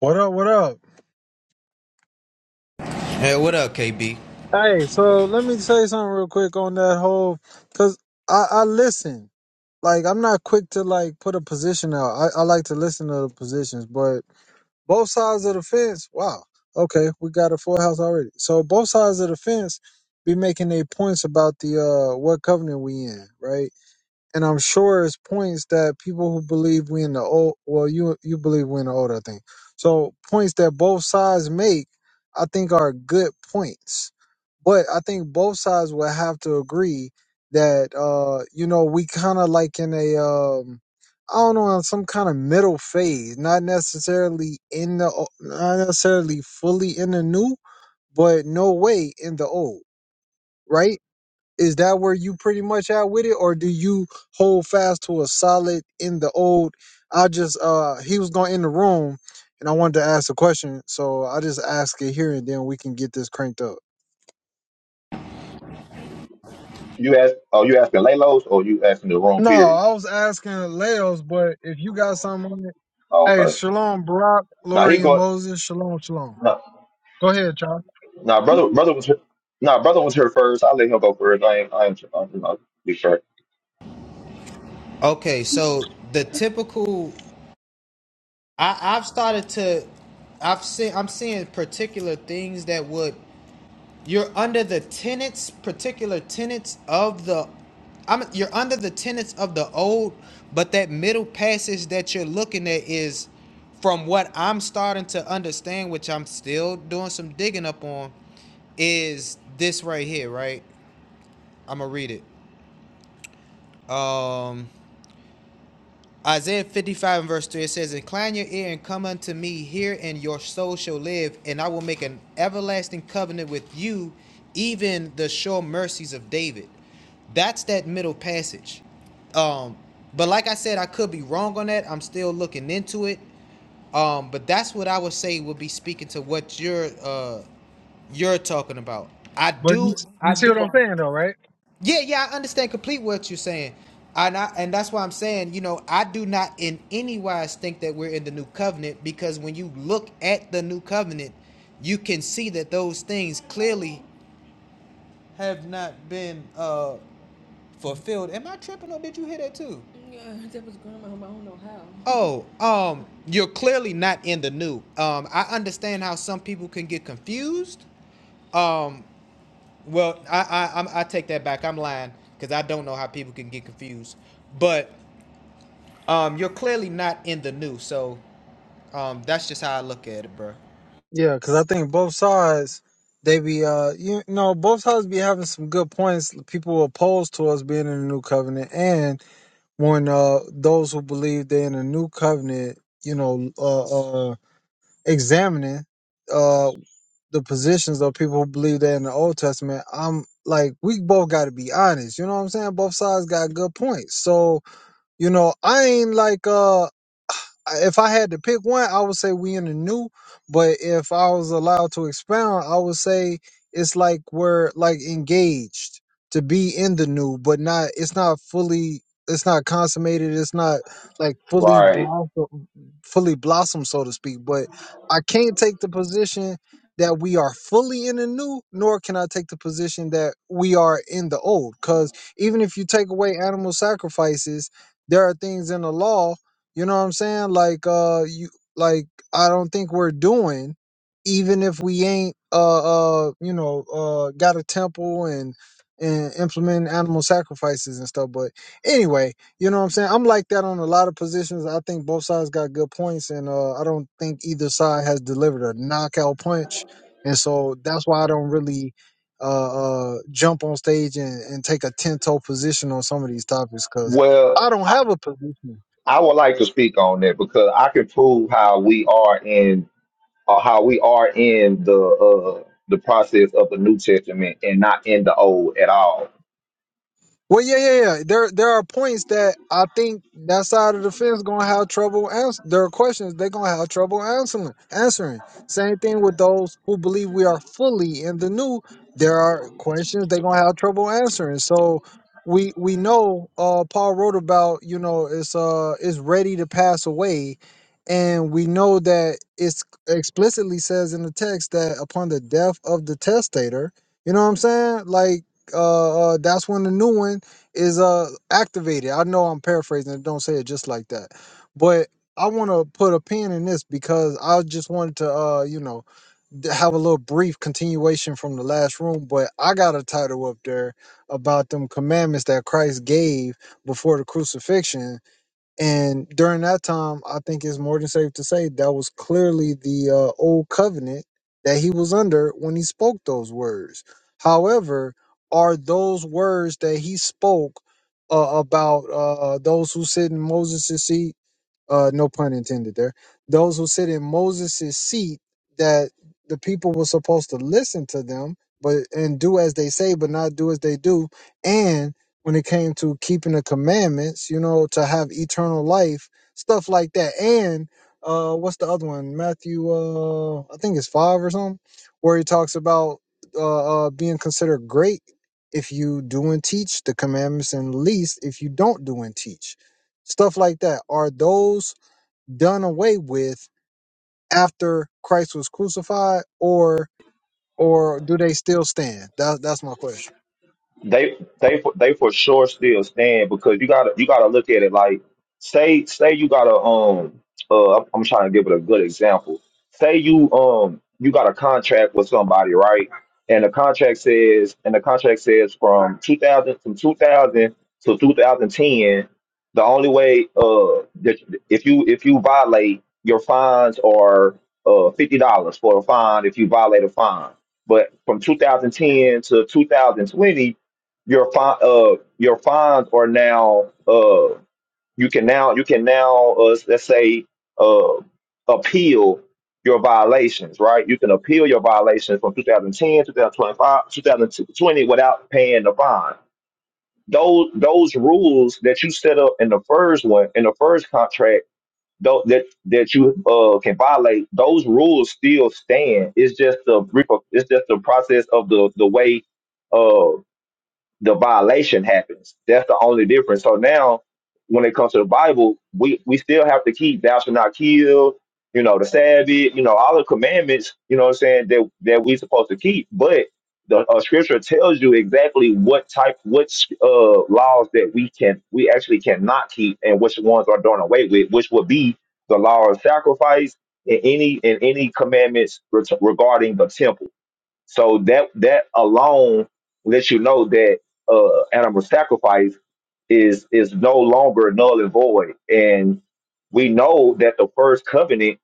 What up? What up? Hey, what up, KB? Hey, so let me say something real quick on that whole, cause I, I listen. Like I'm not quick to like put a position out. I, I like to listen to the positions, but both sides of the fence. Wow. Okay, we got a full house already. So both sides of the fence be making their points about the uh what covenant we in, right? and I'm sure it's points that people who believe we in the old well you you believe we in the old, I think. So points that both sides make I think are good points. But I think both sides will have to agree that uh you know we kind of like in a um I don't know in some kind of middle phase, not necessarily in the o- not necessarily fully in the new, but no way in the old, right? Is that where you pretty much at with it, or do you hold fast to a solid in the old? I just uh he was going in the room, and I wanted to ask a question, so I just ask it here, and then we can get this cranked up. You ask? Oh, you asking Laylos or you asking the wrong No, period? I was asking Leos, but if you got something on it, Oh, hey, okay. Shalom, Barack, Now he Lori, and going. Moses, Shalom, Shalom. Now, Go ahead, Charles. now brother, brother was. Now brother was here first. I let him go first. I ain't. I ain't. I ain't you know, be fair. Okay, so the typical I, I've started to I've seen I'm seeing particular things that would you're under the tenets, particular tenets of the I'm you're under the tenets of the old, but that middle passage that you're looking at is from what I'm starting to understand, which I'm still doing some digging up on, is this right here, right? I'm gonna read it. Um Isaiah 55 and verse 3 it says, Incline your ear and come unto me hear and your soul shall live, and I will make an everlasting covenant with you, even the sure mercies of David. That's that middle passage. Um, but like I said, I could be wrong on that. I'm still looking into it. Um, but that's what I would say would be speaking to what you're uh you're talking about. I But you do I you see what I'm do saying though, right? yeah, yeah, I understand complete what you're saying. And I, and that's why I'm saying, you know, I do not in any wise think that we're in the new covenant because when you look at the new covenant, you can see that those things clearly have not been uh fulfilled. Am I tripping or did you hear that too? Yeah, that was grandma. I don't know how. Oh, um, you're clearly not in the new. Um, I understand how some people can get confused. Um, well, I I I'm, I take that back. I'm lying because I don't know how people can get confused. But um, you're clearly not in the new, so um, that's just how I look at it, bro. Yeah, because I think both sides, they be, uh, you know, both sides be having some good points. People opposed to us being in the new covenant, and when uh those who believe they're in the new covenant, you know, uh, uh examining uh the positions of people who believe they're in the Old Testament, I'm like, we both got to be honest. You know what I'm saying? Both sides got good points. So you know, I ain't like uh if I had to pick one, I would say we in the new. But if I was allowed to expound, I would say it's like we're like engaged to be in the new, but not. It's not fully. It's not consummated. It's not like fully Right. blossom, fully blossom, so to speak. But I can't take the position that we are fully in the new, nor can I take the position that we are in the old. Because even if you take away animal sacrifices, there are things in the law you know what I'm saying? Like uh you like I don't think we're doing even if we ain't uh uh you know uh got a temple and and implementing animal sacrifices and stuff but anyway you know what i'm saying i'm like that on a lot of positions i think both sides got good points and uh i don't think either side has delivered a knockout punch and so that's why i don't really uh uh jump on stage and, and take a 10 toe position on some of these topics because Well, i don't I, have a position I would like to speak on that because I can prove how we are in uh, how we are in the uh, the process of the New Testament and not in the Old at all Well, yeah, yeah, yeah. There, there are points that I think that side of the fence gonna have trouble answering There are questions they're gonna have trouble answering. Answering. Same thing with those who believe we are fully in the new. There are questions they're gonna have trouble answering. So we we know uh, Paul wrote about you know it's uh it's ready to pass away, and we know that it's explicitly says in the text that upon the death of the testator, you know what I'm saying? Like uh, uh that's when the new one is uh activated. I know I'm paraphrasing it, don't say it just like that. But I want to put a pin in this because I just wanted to uh you know d- have a little brief continuation from the last room, but I got a title up there about them commandments that Christ gave before the crucifixion and during that time, I think it's more than safe to say that was clearly the uh, old covenant that he was under when he spoke those words. However, are those words that he spoke uh, about uh, those who sit in Moses' seat? uh, no pun intended there, those who sit in Moses' seat that the people were supposed to listen to them, but and do as they say, but not do as they do. And when it came to keeping the commandments, you know, to have eternal life, stuff like that. And uh, what's the other one? Matthew, uh, I think it's five or something, where he talks about uh, uh, being considered great if you do and teach the commandments, and least if you don't do and teach stuff like that. Are those done away with after Christ was crucified, or or do they still stand? That, that's my question. they they for they for sure still stand because you gotta you gotta look at it like say say you gotta um uh I'm, I'm trying to give it a good example. Say you um you got a contract with somebody, right? And the contract says and the contract says from 2000 from 2000 to 2010, the only way uh that if you if you violate your fines are uh fifty dollars for a fine if you violate a fine. But from 2010 to 2020, your fine uh your fines are now uh you can now you can now uh, let's say uh appeal your violations right you can appeal your violations from two thousand ten, two thousand 2020 without paying the fine those those rules that you set up in the first one in the first contract though that that you uh can violate those rules still stand it's just the reper- it's just the process of the the way uh, the violation happens. That's the only difference. So now, when it comes to the Bible, we we still have to keep thou shalt not kill, you know, the Sabbath, you know, all the commandments, you know what I'm saying, that that we supposed to keep. But the uh, scripture tells you exactly what type, what uh, laws that we can, we actually cannot keep, and which ones are done away with, which would be the law of sacrifice and any and any commandments re- regarding the temple so that that alone lets you know that uh, animal sacrifice is is no longer null and void. And we know that the first covenant,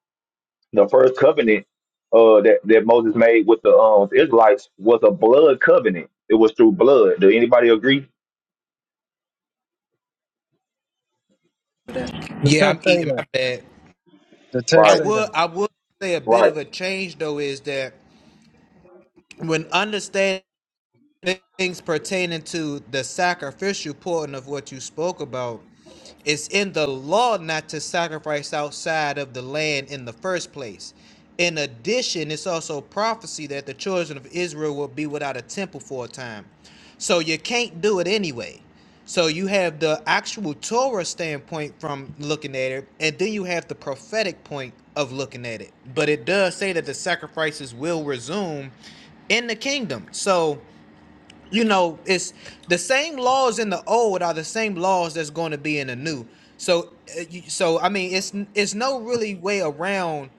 the first covenant uh, that that Moses made with the um, Israelites was a blood covenant. It was through blood. Do anybody agree? The Yeah, I'm text say eating. that. My bad. The I text Right, say would that. I would say a bit right. of a change though is that when understanding things pertaining to the sacrificial portion of what you spoke about It's in the law not to sacrifice outside of the land in the first place. In addition, it's also prophecy that the children of Israel will be without a temple for a time. So you can't do it anyway. So you have the actual Torah standpoint from looking at it, and then you have the prophetic point of looking at it. But it does say that the sacrifices will resume in the kingdom. So you know, it's the same laws in the old are the same laws that's going to be in the new. So, uh, you- so I mean, it's it's no really way around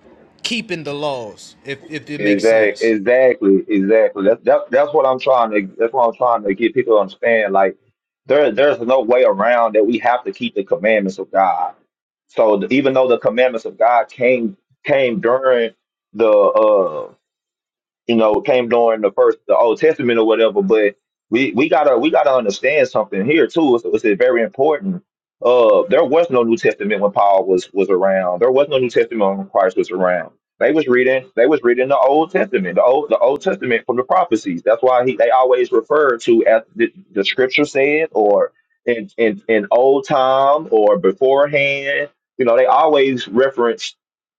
keeping the laws if if it makes Exactly, sense. exactly, exactly. That's that, that's what I'm trying to that's what I'm trying to get people to understand. Like there there's no way around that we have to keep the commandments of God. So th- even though the commandments of God came came during the uh, you know, came during the first the Old Testament or whatever. But we we gotta we gotta understand something here too. It's, it's very important. Uh, there was no New Testament when Paul was was around. There was no New Testament when Christ was around. They was reading they was reading the Old Testament, the old the Old Testament from the prophecies. That's why he they always refer to as the, the Scripture said or in, in in old time or beforehand. You know, they always reference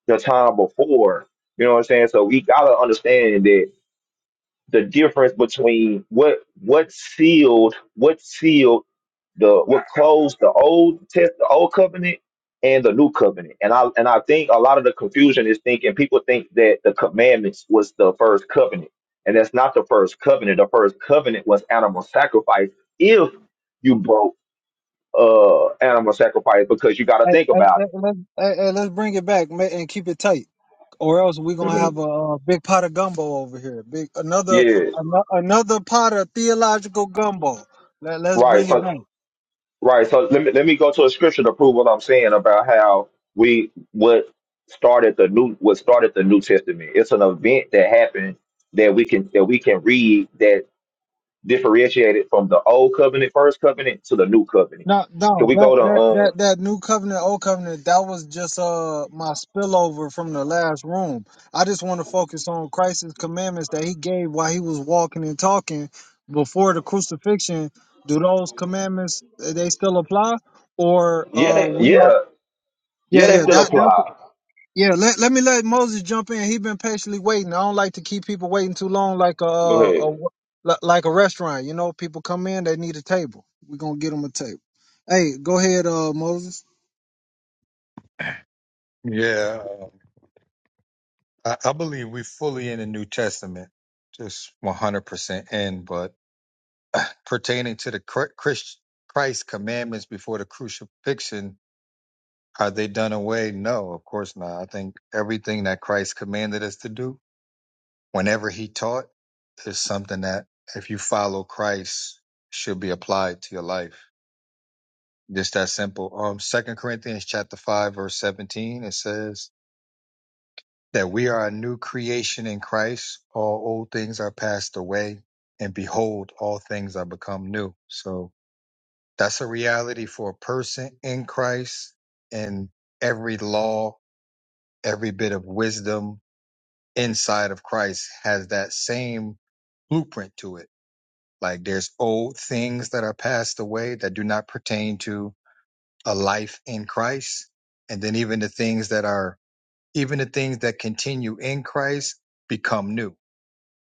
the time before you know what I'm saying? So we gotta understand that the difference between what what sealed what sealed the what closed the old test the old covenant and the new covenant. And I and I think a lot of the confusion is thinking people think that the commandments was the first covenant. And that's not the first covenant. The first covenant was animal sacrifice if you broke uh animal sacrifice because you gotta Hey, think hey, about hey, it. let's, hey, hey, let's bring it back ma- and keep it tight, or else we're gonna Mhm. have a, uh big pot of gumbo over here. Big another Yeah. ano- another pot of theological gumbo. Let, let's Right. bring it So back. Right. So let me let me go to a scripture to prove what I'm saying about how we what started the new what started the New Testament. It's an event that happened that we can that we can read that differentiated from the old covenant, first covenant to the new covenant. No, no, Can we that go that to that um that new covenant, old covenant, that was just uh my spillover from the last room. I just want to focus on Christ's commandments that he gave while he was walking and talking before the crucifixion. Do those commandments uh, they still apply, or yeah uh they, we are? yeah Yeah, yeah they yeah. still That that's apply. yeah, let, let me let Moses jump in. He been patiently waiting. I don't like to keep people waiting too long, like a, Go ahead. a li- like a restaurant. You know, people come in, they need a table. We are gonna get them a table. Hey, go ahead, uh, Moses. Yeah, um, I, I believe we're fully in the New Testament, just 100% in, but pertaining to the Chr- Christ, Christ commandments before the crucifixion, are they done away? No, of course not. I think everything that Christ commanded us to do, whenever he taught, is something that if you follow Christ, should be applied to your life. Just that simple. Um, Second Corinthians chapter five, verse seventeen, it says, that we are a new creation in Christ. All old things are passed away, and behold, all things are become new. So that's a reality for a person in Christ, and every law, every bit of wisdom inside of Christ has that same blueprint to it. Like there's old things that are passed away that do not pertain to a life in Christ. And then even the things that are, even the things that continue in Christ become new.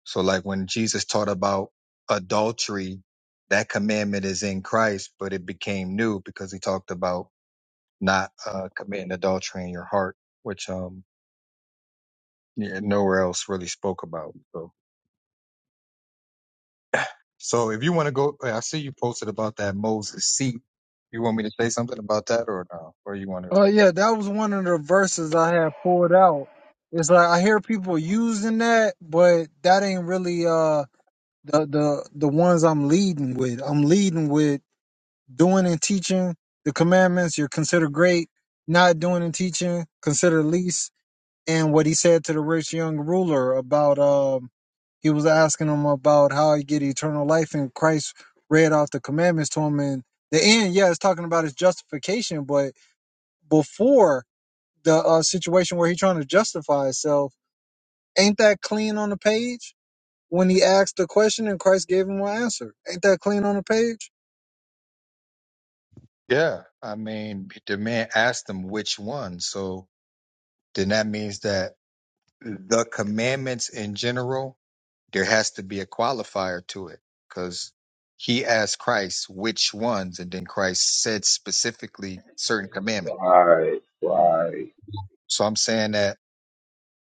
So like when Jesus taught about adultery, that commandment is in Christ, but it became new because he talked about not uh, committing adultery in your heart, which um yeah, nowhere else really spoke about. So so if you want to go, hey, I see you posted about that Moses seat. You want me to say something about that or no? Or you want to? Oh yeah, that was one of the verses I had pulled out. It's like I hear people using that, but that ain't really uh the the the ones I'm leading with. I'm leading with doing and teaching the commandments. You're considered great. Not doing and teaching, considered least and what he said to the rich young ruler about um he was asking him about how he get eternal life and christ read off the commandments to him and the end yeah it's talking about his justification but before the uh, situation where he trying to justify himself ain't that clean on the page when he asked the question and christ gave him an answer ain't that clean on the page Yeah, I mean the man asked them which one. So then that means that the commandments in general there has to be a qualifier to it because he asked Christ which ones, and then Christ said specifically certain commandments. Right, right. So I'm saying that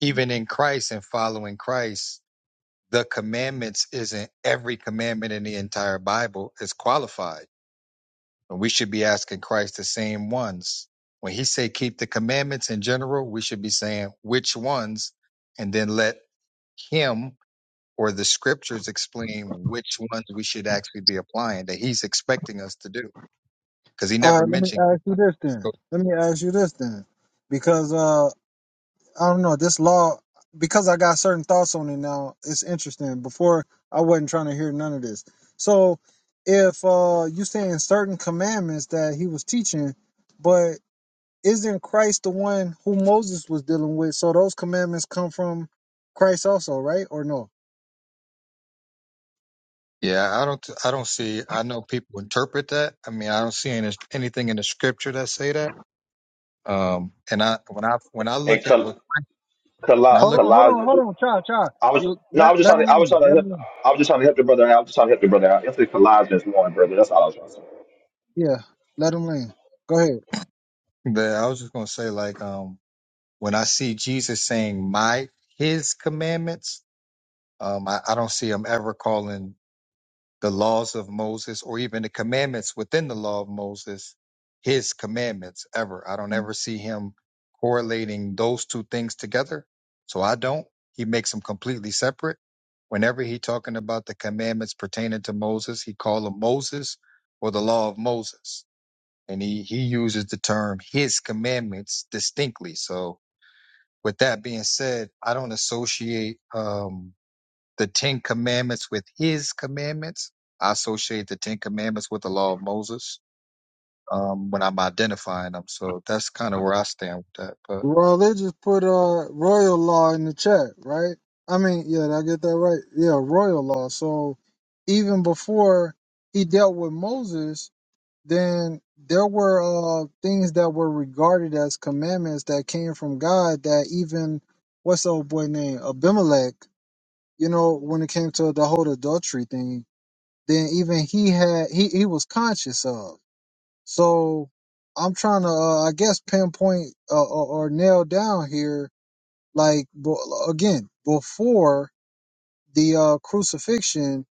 even in Christ and following Christ, the commandments isn't every commandment in the entire Bible is qualified. And we should be asking Christ the same ones. When he say keep the commandments in general, we should be saying which ones and then let him or the scriptures explain which ones we should actually be applying that he's expecting us to do because he all never right let me mentioned ask you this then let me ask you this then because uh, I don't know this law because I got certain thoughts on it now. It's interesting. Before I wasn't trying to hear none of this. So if uh you saying certain commandments that he was teaching, but isn't Christ the one who Moses was dealing with? So those commandments come from Christ also, right? Or no? yeah i don't i don't see i know people interpret that i mean i don't see any, anything in the scripture that say that um and i when i when i And look at what Col- when i Col- Hold look on, hold on, Colossians hold on, child, child. I was You no let I was just let trying him to I was land. trying to Let him help land. I was just trying to help the brother out. I was just trying to help the brother out. It's the Colossians one, brother. That's all I was trying to say. Yeah, let him land. Go ahead. the i was just going to say like um when i see jesus saying my his commandments um i, I don't see him ever calling the laws of Moses or even the commandments within the law of Moses, his commandments ever. I don't ever see him correlating those two things together. So I don't. He makes them completely separate. Whenever he talking about the commandments pertaining to Moses, he call them Moses or the law of Moses. And he, he uses the term his commandments distinctly. So with that being said, I don't associate, um, the Ten Commandments with His commandments. I associate the Ten Commandments with the Law of Moses um, when I'm identifying them. So that's kind of where I stand with that. But Well, they just put uh royal law in the chat, right? I mean, yeah, did I get that right? Yeah, royal law. So even before he dealt with Moses, then there were uh things that were regarded as commandments that came from God that even what's the old boy name? Abimelech, you know, when it came to the whole adultery thing, then even he had he, he was conscious of. So I'm trying to uh, I guess pinpoint uh, or, or nail down here like bo- again, before the uh, crucifixion,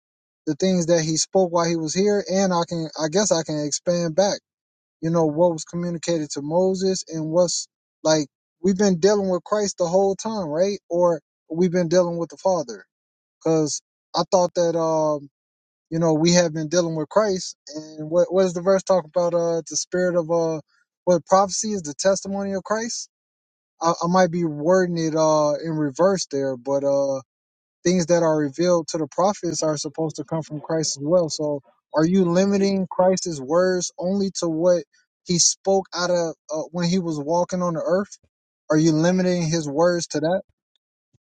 the things that he spoke while he was here, and I can I guess I can expand back. You know what was communicated to Moses and what's like we've been dealing with Christ the whole time, right? Or we've been dealing with the Father. Because I thought that um you know we have been dealing with Christ, and what what does the verse talk about? Uh, the spirit of uh what prophecy is the testimony of Christ I, I might be wording it uh in reverse there, but uh things that are revealed to the prophets are supposed to come from Christ as well. So are you limiting Christ's words only to what he spoke out of uh, when he was walking on the earth? Are you limiting his words to that?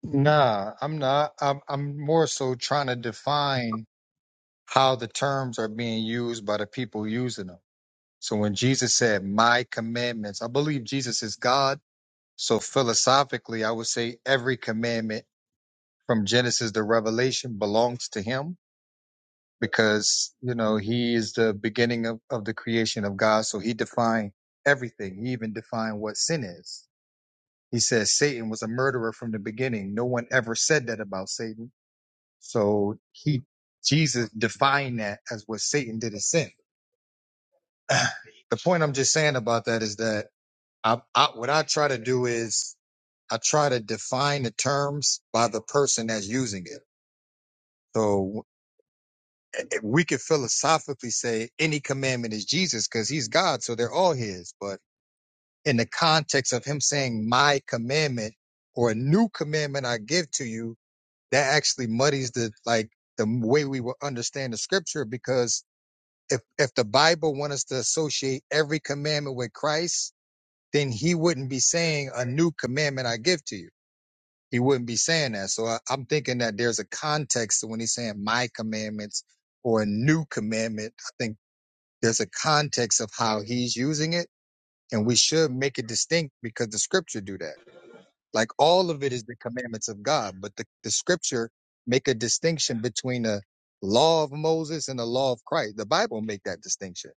nah, I'm not. I'm, I'm more so trying to define how the terms are being used by the people using them. So when Jesus said, "My commandments," I believe Jesus is God. So philosophically, I would say every commandment from Genesis to Revelation belongs to Him because you know he is the beginning of, of the creation of god so he defined everything he even defined what sin is he says satan was a murderer from the beginning no one ever said that about satan so he jesus defined that as what satan did as sin the point i'm just saying about that is that I, I what i try to do is i try to define the terms by the person that's using it so we could philosophically say any commandment is Jesus because he's God, so they're all his. But in the context of him saying my commandment or a new commandment I give to you, that actually muddies the like the way we will understand the scripture because if if the Bible wants us to associate every commandment with Christ, then he wouldn't be saying a new commandment I give to you. He wouldn't be saying that. So I, I'm thinking that there's a context to when he's saying my commandments or a new commandment. I think there's a context of how he's using it, and we should make it distinct because the scripture do that. Like all of it is the commandments of God, but the, the scripture make a distinction between the law of Moses and the law of Christ. The Bible make that distinction.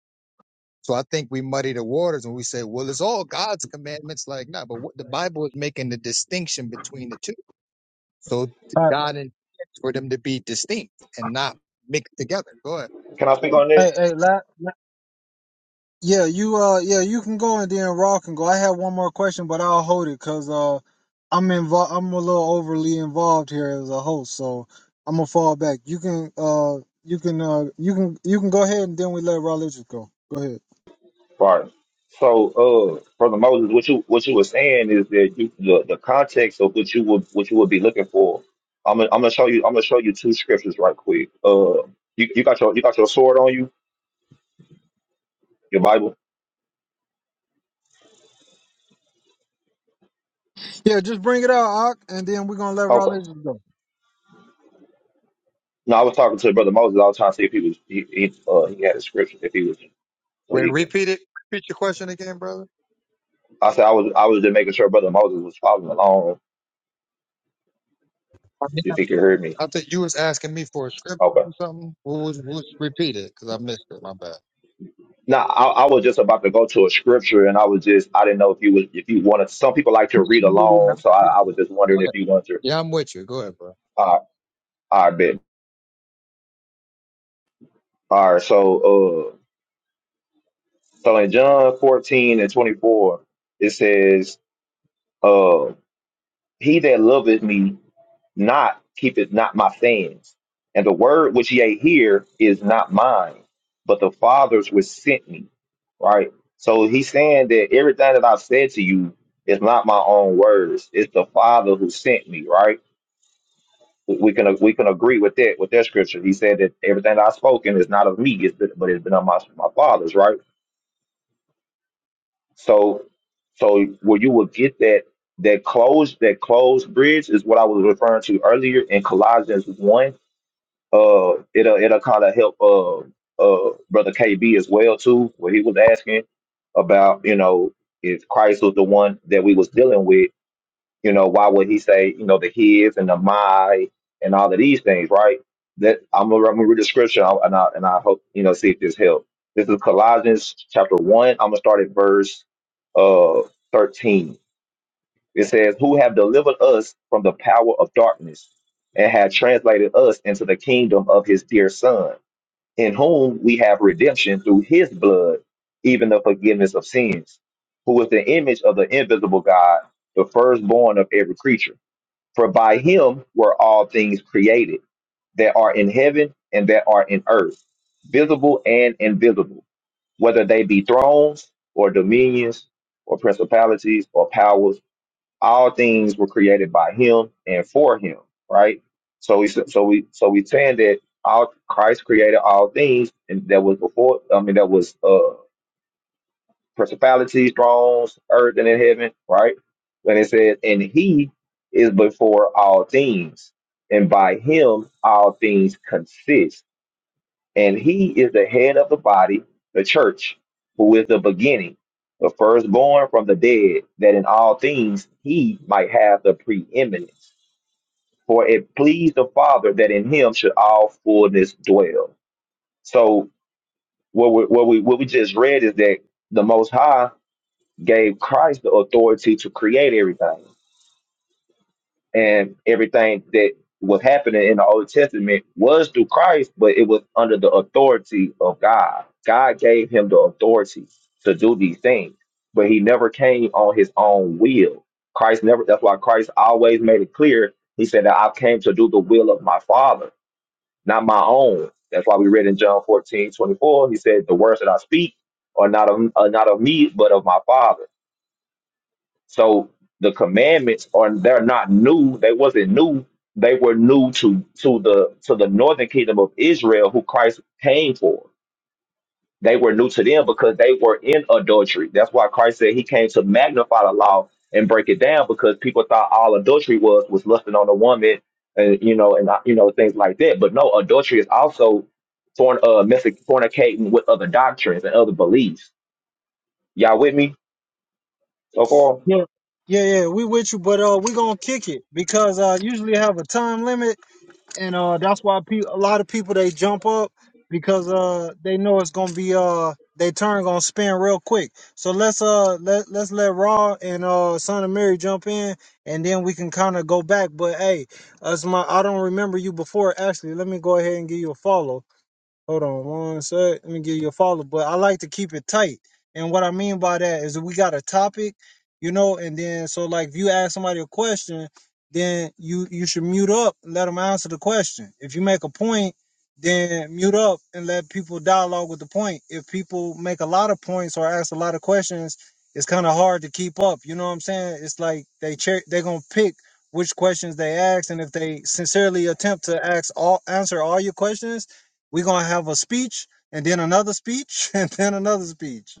So I think we muddy the waters when we say, well, it's all God's commandments. Like, no, nah, but what the Bible is making the distinction between the two. So All God intends for them to be distinct and not mixed together. Go ahead. Can I speak on that? right, hey, hey, la- Yeah, you uh yeah, you can go and then Raw can go. I have one more question, but I'll hold it cuz uh I'm involved I'm a little overly involved here as a host, so I'm gonna fall back. You can uh you can uh you can you can go ahead and then we let Raw Legends go. Go ahead. Right. So, uh, Brother Moses, what you what you were saying is that you the, the context of what you would what you would be looking for. I'm gonna, I'm gonna show you I'm gonna show you two scriptures right quick. Uh, you, you got your you got your sword on you, your Bible. Yeah, just bring it out, Ock, and then we're gonna let Raw Okay. Legends go. No, I was talking to Brother Moses. I was trying to see if he was he he, uh, he had a scripture if he was so Wait, he could. repeat it. Repeat your question again, brother. I said I was I was just making sure Brother Moses was following along I mean, if he could hear me. I think you was asking me for a script Okay. or something. What was, what was repeat it? Because I missed it. My bad. No, I, I was just about to go to a scripture, and I was just I didn't know if you was if you wanted. Some people like to read along, so I, I was just wondering if you wanted to. Yeah, I'm with you. Go ahead, bro. Uh, I bet. All right, so uh, so in John fourteen and twenty four, it says, "Uh, he that loveth me." not keep it not my sayings. And the word which ye hear is not mine, but the Father's which sent me. Right? So he's saying that everything that I've said to you is not my own words. It's the Father who sent me, right? We we can we can agree with that with that scripture. He said that everything that I've spoken is not of me, it's been, but it's been of my, my father's, right? So so where you will get that that closed that closed bridge is what I was referring to earlier in Colossians 1 uh it'll it'll kind of help uh uh brother KB as well too, where he was asking about you know if Christ was the one that we was dealing with, you know why would he say you know the his and the my and all of these things, right? That I'm gonna, I'm gonna read the scripture I'll- and I and I hope you know see if this helps. This is Colossians chapter one. I'm gonna start at verse uh 13 it says, Who have delivered us from the power of darkness and have translated us into the kingdom of his dear Son, in whom we have redemption through his blood, even the forgiveness of sins, who is the image of the invisible God, the firstborn of every creature. For by him were all things created that are in heaven and that are in earth, visible and invisible, whether they be thrones or dominions or principalities or powers all things were created by him and for him right so we so so we so we saying that all christ created all things and that was before i mean that was uh principalities thrones earth and in heaven right When it said and he is before all things and by him all things consist and he is the head of the body, the church, who is the beginning, the firstborn from the dead, that in all things he might have the preeminence. For it pleased the Father that in him should all fullness dwell. So what we, what we what we just read is that the Most High gave Christ the authority to create everything. and everything that was happening in the Old Testament was through Christ, but it was under the authority of God. God gave him the authority to do these things, but he never came on his own will. Christ never, that's why Christ always made it clear. He said that I came to do the will of my Father, not my own. That's why we read in John 14 24. he said, The words that I speak are not of, are not of me, but of my Father so the commandments are they're not new. They wasn't new. They were new to to the to the northern kingdom of Israel, who Christ came for. They were new to them because they were in adultery. That's why Christ said he came to magnify the law and break it down because people thought all adultery was was lusting on a woman and you know and uh, you know things like that. But no, adultery is also forn, uh, messic- fornicating with other doctrines and other beliefs. Y'all with me so far? Yeah. Yeah, yeah, we with you, but uh we gonna kick it because uh usually have a time limit and uh, that's why pe- a lot of people they jump up because uh they know it's gonna be uh they turn gonna spin real quick. So let's uh let let's let Raw and uh Son of Mary jump in, and then we can kind of go back. But hey, as my I don't remember you before. Actually, let me go ahead and give you a follow. Hold on one sec. Let me give you a follow. But I like to keep it tight. And what I mean by that is we got a topic, you know, and then so like if you ask somebody a question, then you you should mute up and let them answer the question. If you make a point, then mute up and let people dialogue with the point. If people make a lot of points or ask a lot of questions, it's kind of hard to keep up. You know what I'm saying? It's like they cher- they're gonna pick which questions they ask, and if they sincerely attempt to ask all answer all your questions we're gonna have a speech and then another speech and then another speech.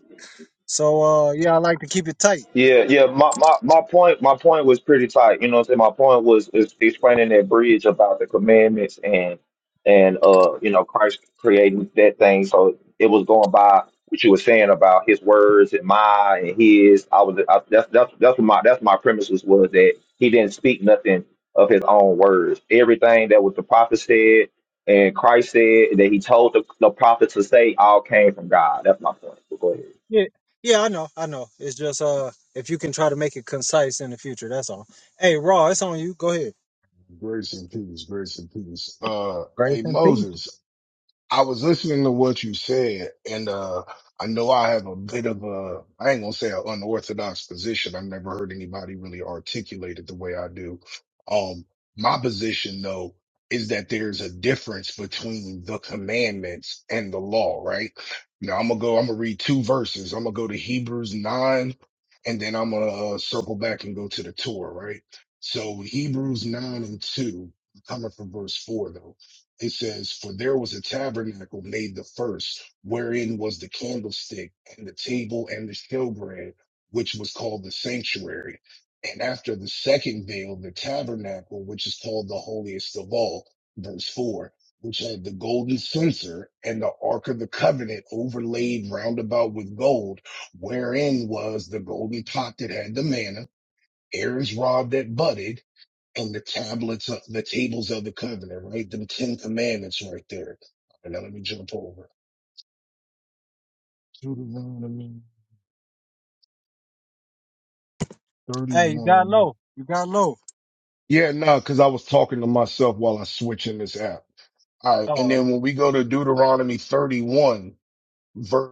So uh yeah, I like to keep it tight. Yeah, yeah. My, my, my point my point was pretty tight. You know what I'm saying? My point was is explaining that bridge about the commandments and and uh you know Christ creating that thing. So it was going by what you were saying about his words and my and his. I was I, that's that's that's what my that's my premises was that he didn't speak nothing of his own words. Everything that was the prophet said and Christ said that he told the, the prophet to say all came from God. That's my point. But go ahead. Yeah. Yeah, I know, I know. It's just uh if you can try to make it concise in the future, that's all. Hey Raw, it's on you. Go ahead. Grace and peace, grace and peace. Uh, Grace hey and peace. Moses, I was listening to what you said, and uh, I know I have a bit of a, I ain't gonna say an unorthodox position. I've never heard anybody really articulate it the way I do. Um, my position though is that there's a difference between the commandments and the law, right? Now I'm gonna go, I'm gonna read two verses. I'm gonna go to Hebrews 9, and then I'm gonna uh, circle back and go to the Torah, right? So Hebrews 9 and 2, coming from verse 4 though. It says, For there was a tabernacle made the first, wherein was the candlestick and the table and the showbread, which was called the sanctuary. And after the second veil, the tabernacle, which is called the holiest of all, verse 4, which had the golden censer and the ark of the covenant overlaid round about with gold, wherein was the golden pot that had the manna, Aaron's rod that budded, and the tablets, of, the tables of the covenant, right? The Ten Commandments right there. And now let me jump over. Deuteronomy Hey, you got 31. low. You got low. Yeah, no, because I was talking to myself while I switching this app. All right. And Uh then when we go to Deuteronomy 31, verse.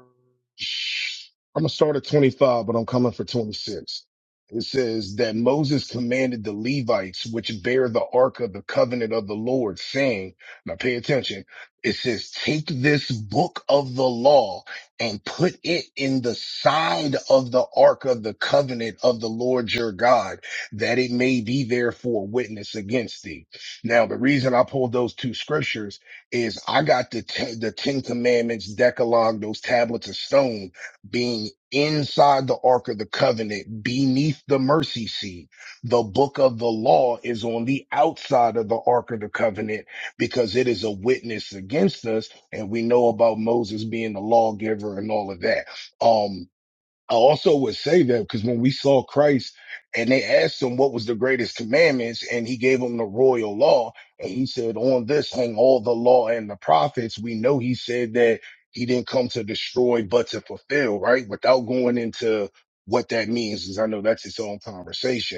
I'm gonna start at 25, but I'm coming for 26. It says that Moses commanded the Levites, which bear the ark of the covenant of the Lord, saying, now pay attention. It says, take this book of the law and put it in the side of the ark of the covenant of the Lord your God, that it may be there for a witness against thee. Now, the reason I pulled those two scriptures is I got the ten, the Ten Commandments, Decalogue, those tablets of stone being inside the Ark of the Covenant, beneath the mercy seat. The book of the law is on the outside of the Ark of the Covenant because it is a witness against us. And we know about Moses being the lawgiver and all of that. Um. I also would say that because when we saw Christ and they asked him what was the greatest commandments, and he gave them the royal law, and he said, On this hang all the law and the prophets. We know he said that he didn't come to destroy but to fulfill, right? Without going into what that means, because I know that's its own conversation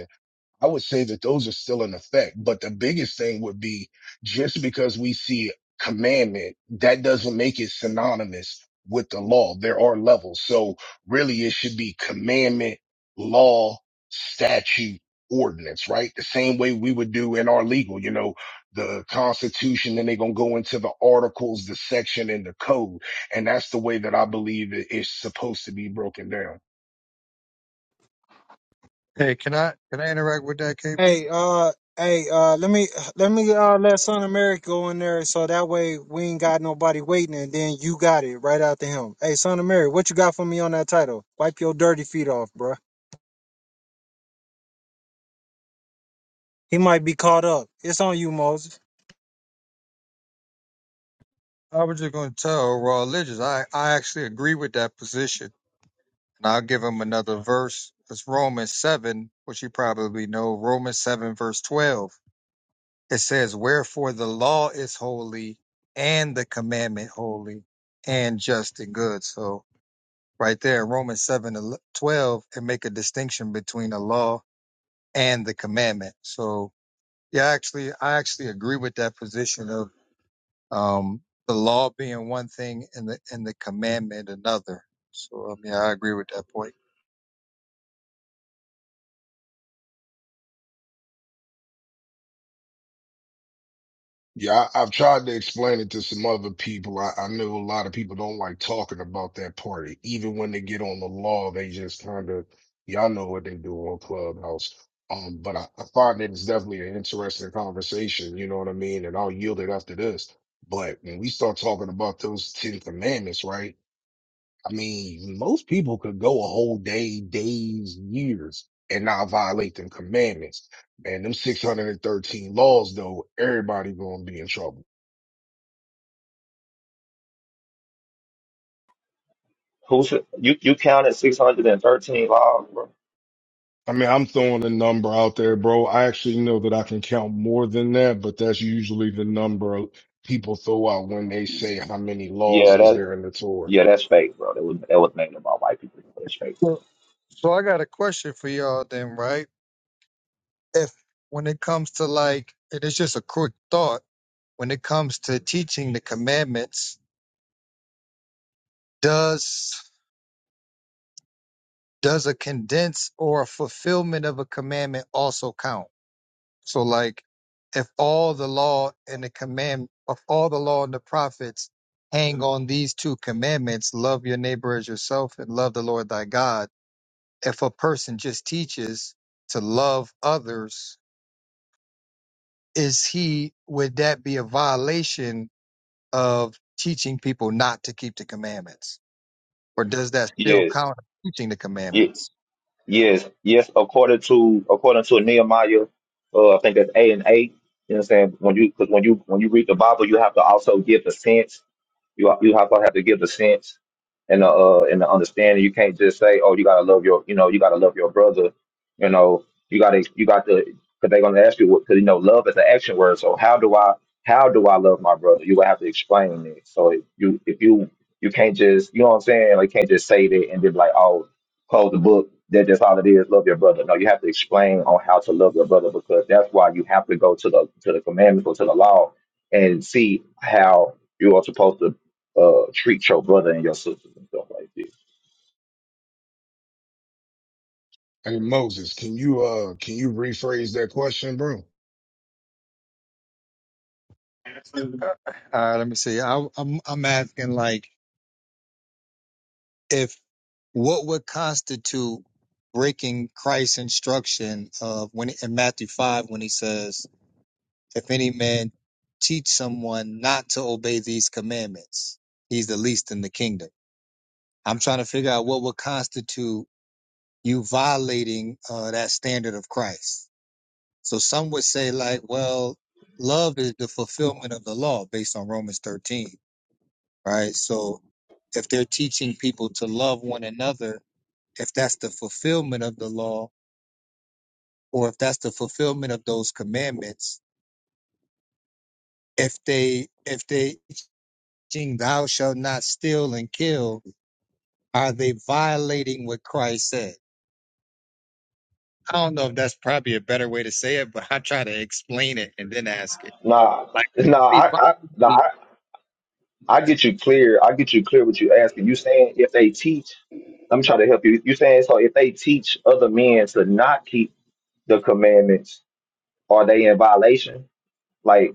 I would say that those are still in effect. But the biggest thing would be just because we see commandment, that doesn't make it synonymous with the law. There are levels. So really it should be commandment, law, statute, ordinance, right? The same way we would do in our legal, you know, the constitution, then they're going to go into the articles, the section and the code. And that's the way that I believe it is supposed to be broken down. Hey, can I can I interact with that, KB? hey, uh Hey, uh, let me let me uh let Son of Mary go in there so that way we ain't got nobody waiting and then you got it right after him. Hey, Son of Mary, what you got for me on that title? Wipe your dirty feet off, bruh. He might be caught up. It's on you, Moses. I was just gonna tell Raw Religious. I I actually agree with that position, and I'll give him another verse. It's Romans seven, which you probably know. Romans seven verse twelve. It says, "Wherefore the law is holy, and the commandment holy, and just and good." So right there in Romans 7 and 12 and make a distinction between the law and the commandment. So yeah, actually, I actually agree with that position of, um, the law being one thing and the, and the commandment another. So, um, yeah, I agree with that point. Yeah, I, I've tried to explain it to some other people. I, I know a lot of people don't like talking about that party. Even when they get on the law, they just kind of, y'all know what they do on Clubhouse. Um, but I, I find that it's definitely an interesting conversation, you know what I mean? And I'll yield it after this. But when we start talking about those Ten Commandments, right? I mean, most people could go a whole day, days, years, and not violate them commandments. Man, them 613 laws, though, everybody gonna be in trouble. Who's you? You counted six hundred and thirteen laws, bro. I mean, I'm throwing a number out there, bro. I actually know that I can count more than that, but that's usually the number of people throw out when they say how many laws Yeah, is that there in the Torah. yeah, that's fake, bro. That was that was made by white people. That's fake, So bro. so I got a question for y'all then, right? If when it comes to like, it's just a quick thought, when it comes to teaching the commandments, does, does a condense or a fulfillment of a commandment also count? So like if all the law and the command of all the law and the prophets hang on these two commandments, love your neighbor as yourself and love the Lord thy God. If a person just teaches to love others, is he would that be a violation of teaching people not to keep the commandments? Or does that still Yes, count as teaching the ye- commandments? yes, yes. According to according to Nehemiah, uh, I think that's eight and eight. You know what I'm saying? When you because when you when you read the Bible, you have to also give the sense You you also have to give the sense and the uh, and the understanding. You can't just say, "Oh, you gotta love your you know you gotta love your brother." You know you gotta you got to because they're gonna ask you what because you know love is an action word. So how do I how do I love my brother? You would have to explain it. So if you if you you can't just you know what I'm saying. Like you can't just say that and then be like oh close the book. That that's all it is. Love your brother. No, you have to explain on how to love your brother because that's why you have to go to the to the commandments or to the law and see how you are supposed to uh, treat your brother and your sisters and stuff like this. Hey, Moses, can you, uh, can you rephrase that question, bro? Uh, All right, let me see. I, I'm I'm asking like if what would constitute breaking Christ's instruction of when in Matthew 5 when he says, If any man teach someone not to obey these commandments, he's the least in the kingdom. I'm trying to figure out what would constitute you violating uh, that standard of Christ. So some would say, like, well, love is the fulfillment of the law based on Romans 13, right? So if they're teaching people to love one another, if that's the fulfillment of the law or if that's the fulfillment of those commandments if they if they teaching thou shalt not steal and kill are they violating what christ said i don't know if that's probably a better way to say it but i try to explain it and then ask it Nah, like it nah, could be I, I, nah, violating- I, I get you clear. I get you clear what you asking. You saying if they teach, let me try to help you. You saying so if they teach other men to not keep the commandments, are they in violation? Like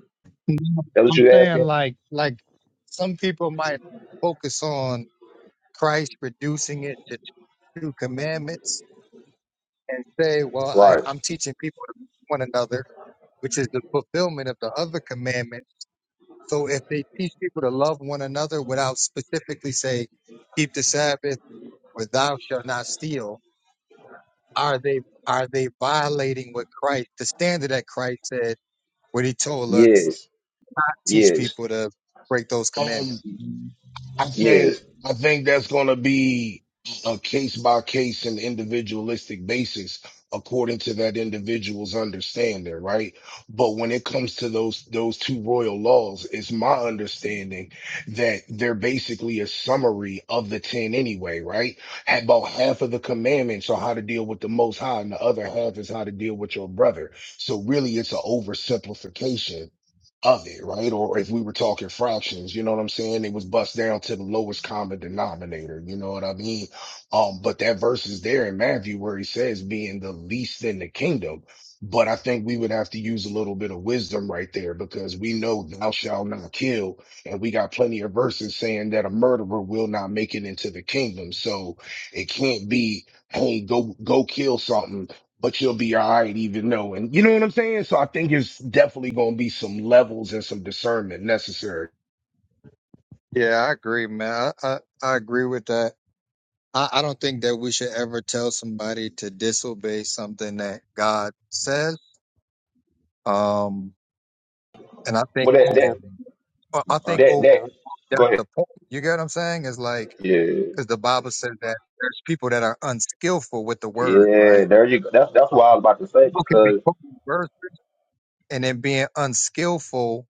that's what i'm you saying asking? like like some people might focus on christ reducing it to two commandments and say well I, Right. i'm teaching people to love one another which is the fulfillment of the other commandment. So if they teach people to love one another without specifically say, keep the Sabbath or thou shalt not steal, are they are they violating what Christ the standard that Christ said when he told us Yes. teach Yes. people to break those Um, commandments? I Yes. think I think that's going to be a case by case and individualistic basis according to that individual's understanding, right? But when it comes to those those two royal laws, it's my understanding that they're basically a summary of the 10 anyway, right? About half of the commandments are how to deal with the most high and the other half is how to deal with your brother. So really it's an oversimplification of it, right? Or if we were talking fractions, you know what I'm saying? It was bust down to the lowest common denominator, you know what I mean? Um, but that verse is there in Matthew where he says being the least in the kingdom. But I think we would have to use a little bit of wisdom right there because we know thou shalt not kill, and we got plenty of verses saying that a murderer will not make it into the kingdom. So it can't be, hey, go go kill something but you'll be all right even knowing. You know what I'm saying? So I think it's definitely going to be some levels and some discernment necessary. Yeah, I agree, man. I, I, I agree with that. I, I don't think that we should ever tell somebody to disobey something that God says. Um, and I think Well, that, that, overall, I I All right. think that, that. overall, that's Go ahead. the point. You get what I'm saying? Is like, Yeah. because the Bible says that there's people that are unskillful with the word, Yeah. right? There you go. That's that's what I was about to say People can be because quoting the verse and then being unskillful,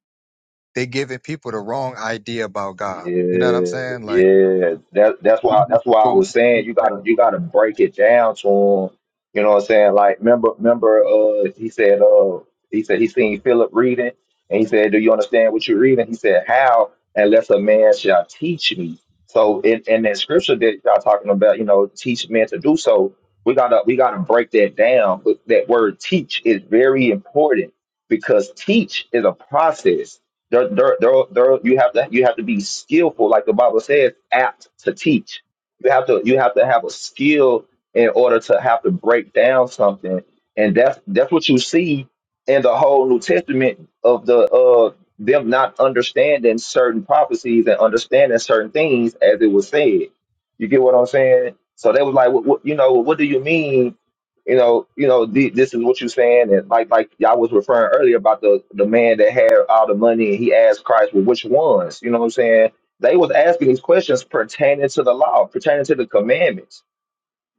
they giving people the wrong idea about God. You know what I'm Yeah, saying? Like, yeah. That that's why that's why but I what- was saying you gotta you gotta break it down to him. You know what I'm saying? Like remember remember uh he said uh he said he seen Philip reading and he said, Do you understand what you're reading? He said, How unless a man shall teach me. So in, in that scripture that y'all talking about, you know, teach men to do so, we gotta we gotta break that down. But that word teach is very important because teach is a process there, there, there, there, you have to you have to be skillful, like the Bible says, apt to teach. You have to you have to have a skill in order to have to break down something, and that's that's what you see in the whole New Testament of the uh them not understanding certain prophecies and understanding certain things as it was said. You get what I'm saying? So they was like, what, what, you know, what do you mean? you know, you know, the, this is what you're saying, and like like y'all was referring earlier about the the man that had all the money, and he asked Christ, well, which ones? You know what I'm saying? They was asking these questions pertaining to the law, pertaining to the commandments.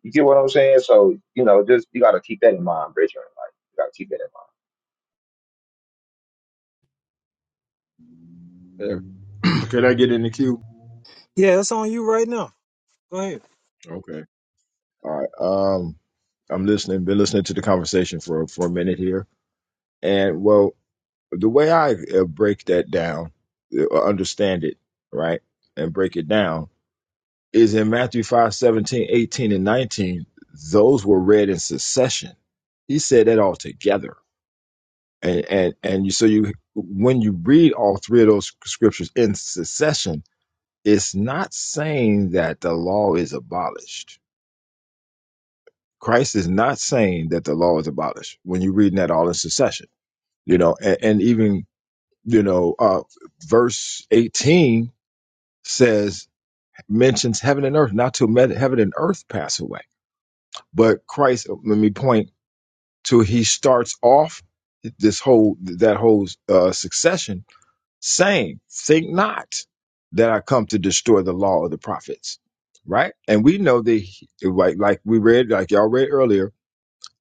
You get what I'm saying? So you know, just you got to keep that in mind, Bridger. Like you got to keep that in mind. Yeah. Can I get in the queue? Yeah, it's on you right now. Go ahead. Okay. All right. Um, I'm listening. Been listening to the conversation for for a minute here, and well, the way I uh, break that down, uh, understand it, right, and break it down is in Matthew 5, 17, 18, and 19. Those were read in succession. He said that all together, and and and you, so you when you read all three of those scriptures in succession, it's not saying that the law is abolished Christ is not saying that the law is abolished when you're reading that all in succession, you know, and, and even, you know, uh, verse 18 says, mentions heaven and earth, not till med- heaven and earth pass away. But Christ, uh, let me point to, he starts off this whole, that whole uh, succession saying, think not that I come to destroy the law of the prophets, right? And we know that, he- like, like we read, like y'all read earlier,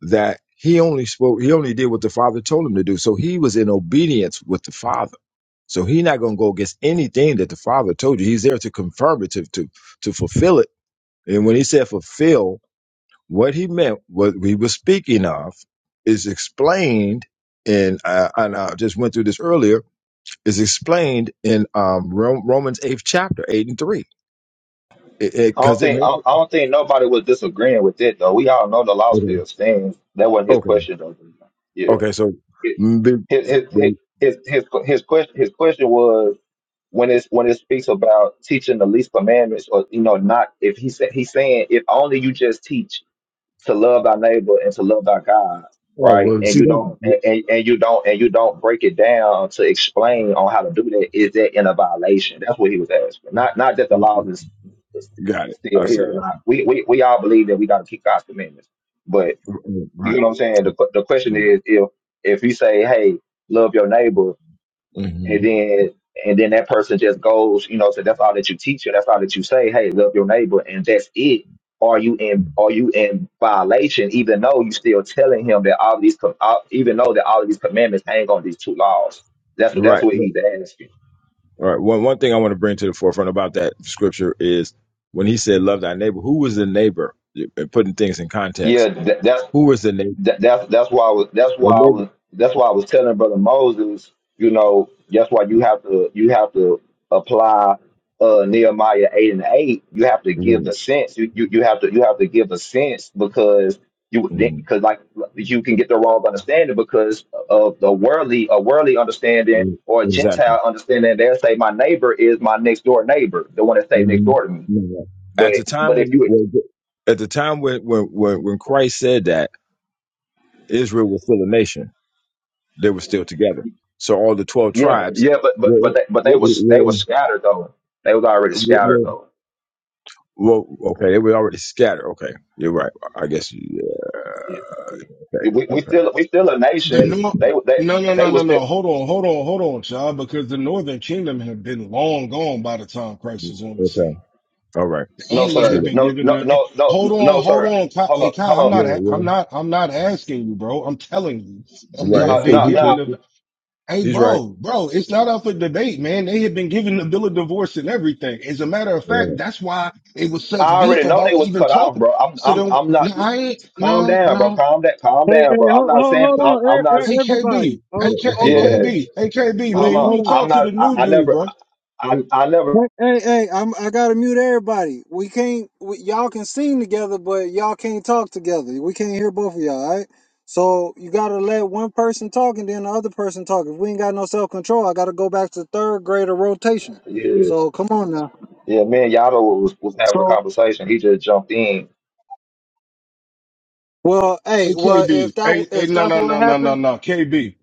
that he only spoke he only did what the father told him to do so he was in obedience with the father so he's not going to go against anything that the father told you he's there to confirm it to to, to fulfill it and when he said fulfill what he meant what we were speaking of is explained in uh, and i just went through this earlier is explained in um Ro- romans 8th chapter 8 and 3 because it, it, I don't 'cause it think I, mentions I don't think nobody was disagreeing with it though. We all know the law okay still stands. That wasn't his okay question though. okay Yeah, so his mm, be- his his be- his his, his question his question was. when it's when it speaks about teaching the least commandments or you know not if he said he's saying if only you just teach to love thy neighbor and to love thy god oh right well and see you don't and, that and and you don't and you don't break it down to explain on how to do that is that in a violation that's what he was asking not not that the law is, is Got it. still I here see or that. not we, we we all believe that we got to keep god's commandments but you Right. know what i'm saying the, the question is if if you say hey love your neighbor hmm and then and then that person just goes, you know, so that's all that you teach her, that's all that you say, hey, love your neighbor, and that's it. Are you in are you in violation, even though you still telling him that all these com- all, even though that all of these commandments hang on these two laws? That's what that's Right. what he's asking. All right. One one thing I want to bring to the forefront about that scripture is when he said, "Love thy neighbor." Who was the neighbor? And Putting things in Yeah, context. that, that's Who was the neighbor? that, that's that's why I was that's why I The was that's why I was telling Brother Moses, you know, that's why you have to you have to apply uh Nehemiah eight and eight. You have to give the neighbor. sense. You you, you have to you have to give a sense because you hmm because like you can get the wrong understanding because of the worldly a worldly understanding or a Exactly. Gentile understanding. They'll say my neighbor is my next door neighbor, the one that stay next hmm door to me. At But the but time if when, you when- at the time when, when when when Christ said that Israel was still a nation, they were still together. So all the twelve Yeah, tribes yeah, but but were, but they but they was they were, was scattered though. They was already scattered were, though. Well, okay, they were already scattered. Okay, you're right. I guess. Yeah. Yeah. Okay. We we Okay. still we still a The nation. North, They they no, no, no, they no, was no. still Hold on, hold on, hold on, child. Because the Northern Kingdom had been long gone by the time Christ was on the Okay. scene, All right. no and they True. had sir that. been no given no the. no Hold no on, no hold sir. on, Kai, Hold hey, on Kai. I'm hold on not, Yeah. a- I'm Yeah. not, I'm not asking you, bro. I'm telling you, You're and they Right. had It's no true. been no He given too. the no. Hey, He's right. bro, bro, it's not up for debate, man. They had been given the bill of divorce and everything. As a matter of fact, Yeah. that's why it was I such already beef know about they was even cut off, talking. bro. I'm So I'm then, I'm no, not. I ain't, Calm no, down, bro. no, Calm down. Calm Hey, hey, down, bro. I'm hold, not hold, saying hold I'm, on, I'm e- not. e- everybody. AKB, What's Hold, AK, up- what's up, hold, Yeah. bro? AKB, AKB, hold, Hold man, you hold on. ain't on. I'm talk to not. the I, new I dude, never. bro. I I never. Hey, hey, hey, I'm, I gotta mute everybody. We can't, we, y'all can sing together, but y'all can't talk together. We can't hear both of y'all, all right? So you gotta let one person talk and then the other person talk. If we ain't got no self control, I gotta go back to third grade of rotation. Yeah. So come on now. Yeah. Me and Yada was was having a So, conversation. He just jumped in well, hey, well, if AKB, that, hey, hey, if no, that's no, no, what no, happened. no, no, KB,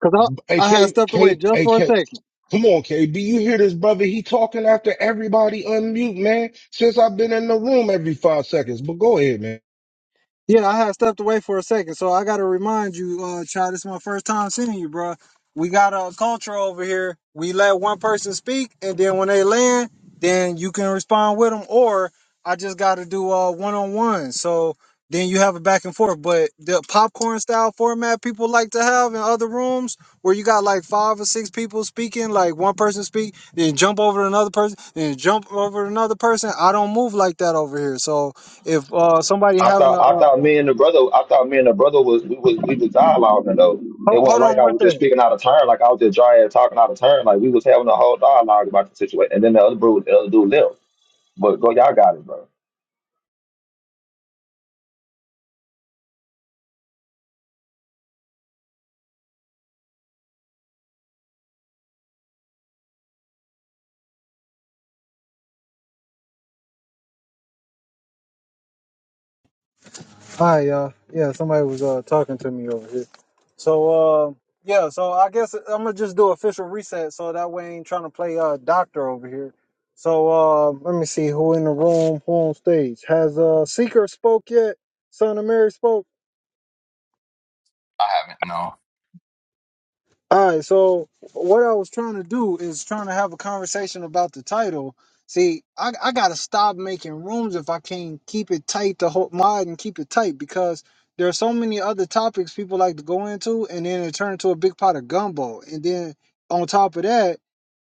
Because I, I had AK, stepped away K, just for a AK. second. Come on, KB, you hear this brother? He talking after everybody unmute, man. Since I've been in the room every five seconds, but go ahead, man. Yeah, I had stepped away for a second, so I gotta remind you, uh, child, this is my first time seeing you, bro. We got a culture over here. We let one person speak, and then when they land, then you can respond with them, or I just gotta do uh one on one. So then you have a back and forth. But the popcorn style format people like to have in other rooms, where you got like five or six people speaking, like one person speak, then jump over to another person, then jump over to another person. I don't move like that over here, so if uh somebody I having thought a, I uh, thought me and the brother I thought me and the brother was we was we was dialoguing though. Ho- It Hold wasn't like on I one was just second. speaking out of turn, like I was just dry ass talking out of turn, like we was having a whole dialogue about the situation. And then the other bro, the other dude left. But go, y'all got it, bro. Hi, y'all. Yeah, somebody was uh, talking to me over here. So, uh, yeah, so I guess I'm going to just do official reset so that way I ain't trying to play uh, doctor over here. So, uh, let me see who in the room, who on stage. Has uh, Seeker spoke yet? Son of Mary spoke? I haven't. No. All right, so what I was trying to do is trying to have a conversation about the title. See, I, I gotta stop making rooms if I can't keep it tight the whole mod and keep it tight because there are so many other topics people like to go into and then it turns into a big pot of gumbo. And then on top of that,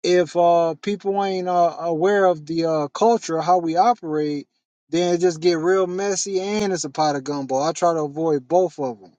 if uh people ain't uh, aware of the uh culture, how we operate, then it just get real messy and it's a pot of gumbo. I try to avoid both of them.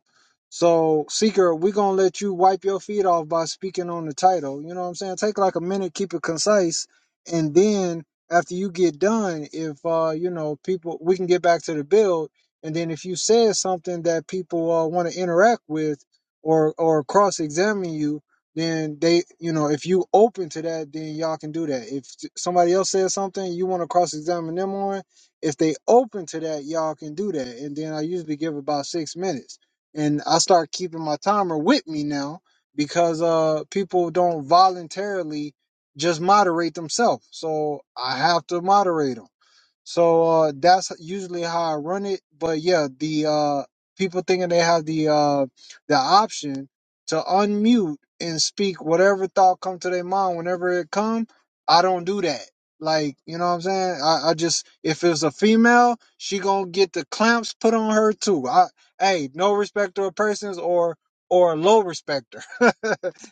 So, Seeker, we're going to let you wipe your feet off by speaking on the title. You know what I'm saying? Take like a minute, keep it concise. And then after you get done, if, uh, you know, people, we can get back to the build. And then if you said something that people uh, want to interact with or, or cross examine you, then they, you know, if you open to that, then y'all can do that. If somebody else says something you want to cross examine them on, if they open to that, y'all can do that. And then I usually give about six minutes and I start keeping my timer with me now because uh people don't voluntarily just moderate themselves. So I have to moderate them. So uh, that's usually how I run it. But yeah, the uh, people thinking they have the uh, the option to unmute and speak whatever thought come to their mind whenever it come. I don't do that. Like you know what I'm saying? I, I just if it's a female, she gonna get the clamps put on her too. I hey, no respecter of persons or or low respecter.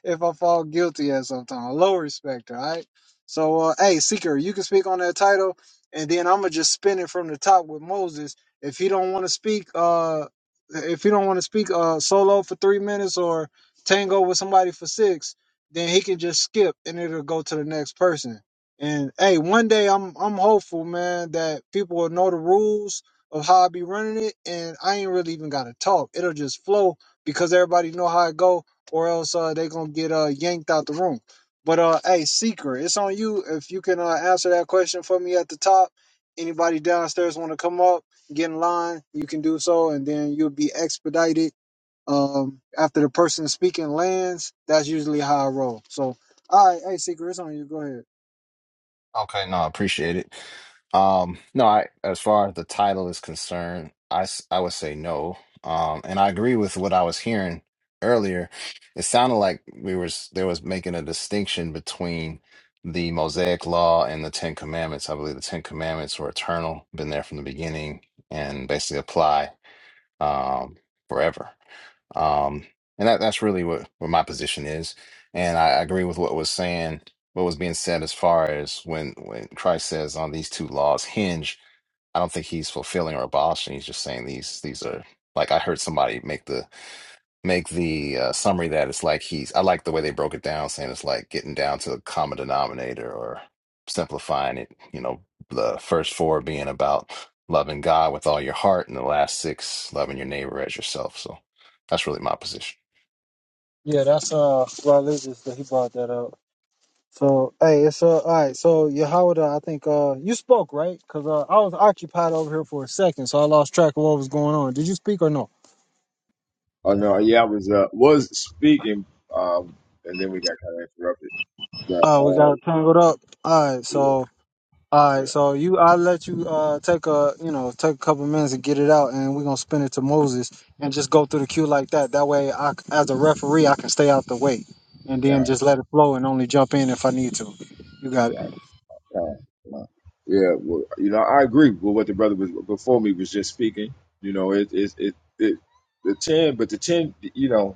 if I fall guilty at some time, low respecter. All right. So uh, hey, seeker, you can speak on that title and then I'm gonna just spin it from the top with Moses. If he don't want to speak, uh, if he don't want to speak uh solo for three minutes or tango with somebody for six, then he can just skip and it'll go to the next person. And hey, one day I'm I'm hopeful, man, that people will know the rules of how I be running it, and I ain't really even gotta talk. It'll just flow because everybody know how it go, or else uh, they gonna get uh yanked out the room. But uh, hey, Seeker, it's on you if you can uh, answer that question for me at the top. Anybody downstairs want to come up, get in line, you can do so, and then you'll be expedited. Um, after the person speaking lands, that's usually how I roll. So, all right, hey, Seeker, it's on you. Go ahead. Okay. No, I appreciate it. Um, no, I as far as the title is concerned, I s- I would say no. Um, and I agree with what I was hearing earlier. It sounded like we were s- there was making a distinction between the Mosaic Law and the Ten Commandments. I believe the Ten Commandments were eternal, been there from the beginning, and basically apply. um, forever. Um, and that, that's really what, what my position is. And I agree with what was saying, what was being said as far as when, when Christ says on these two laws hinge, I don't think he's fulfilling or abolishing. He's just saying these, these are like, I heard somebody make the make the uh, summary that it's like he's I like the way they broke it down, saying it's like getting down to a common denominator or simplifying it, you know, the first four being about loving God with all your heart and the last six loving your neighbor as yourself. So that's really my position. Yeah, that's uh religious that he brought that up. So, hey, it's uh, all right. So, Yehoda, I think uh, you spoke right because uh, I was occupied over here for a second, so I lost track of what was going on. Did you speak or no? Oh no. Yeah, I was uh was speaking um and then we got kind of interrupted. But Oh, we got uh it tangled up. All right, yeah so all right, yeah so you, I'll let you uh take a you know take a couple minutes and get it out, and we're gonna spin it to Moses and just go through the queue like that. That way, I c- as a referee, I can stay out the way, and then yeah just let it flow and only jump in if I need to. You got it. right uh, uh, yeah well you know I agree with what the brother was before me was just speaking. You know it it it, it the ten but the ten you know.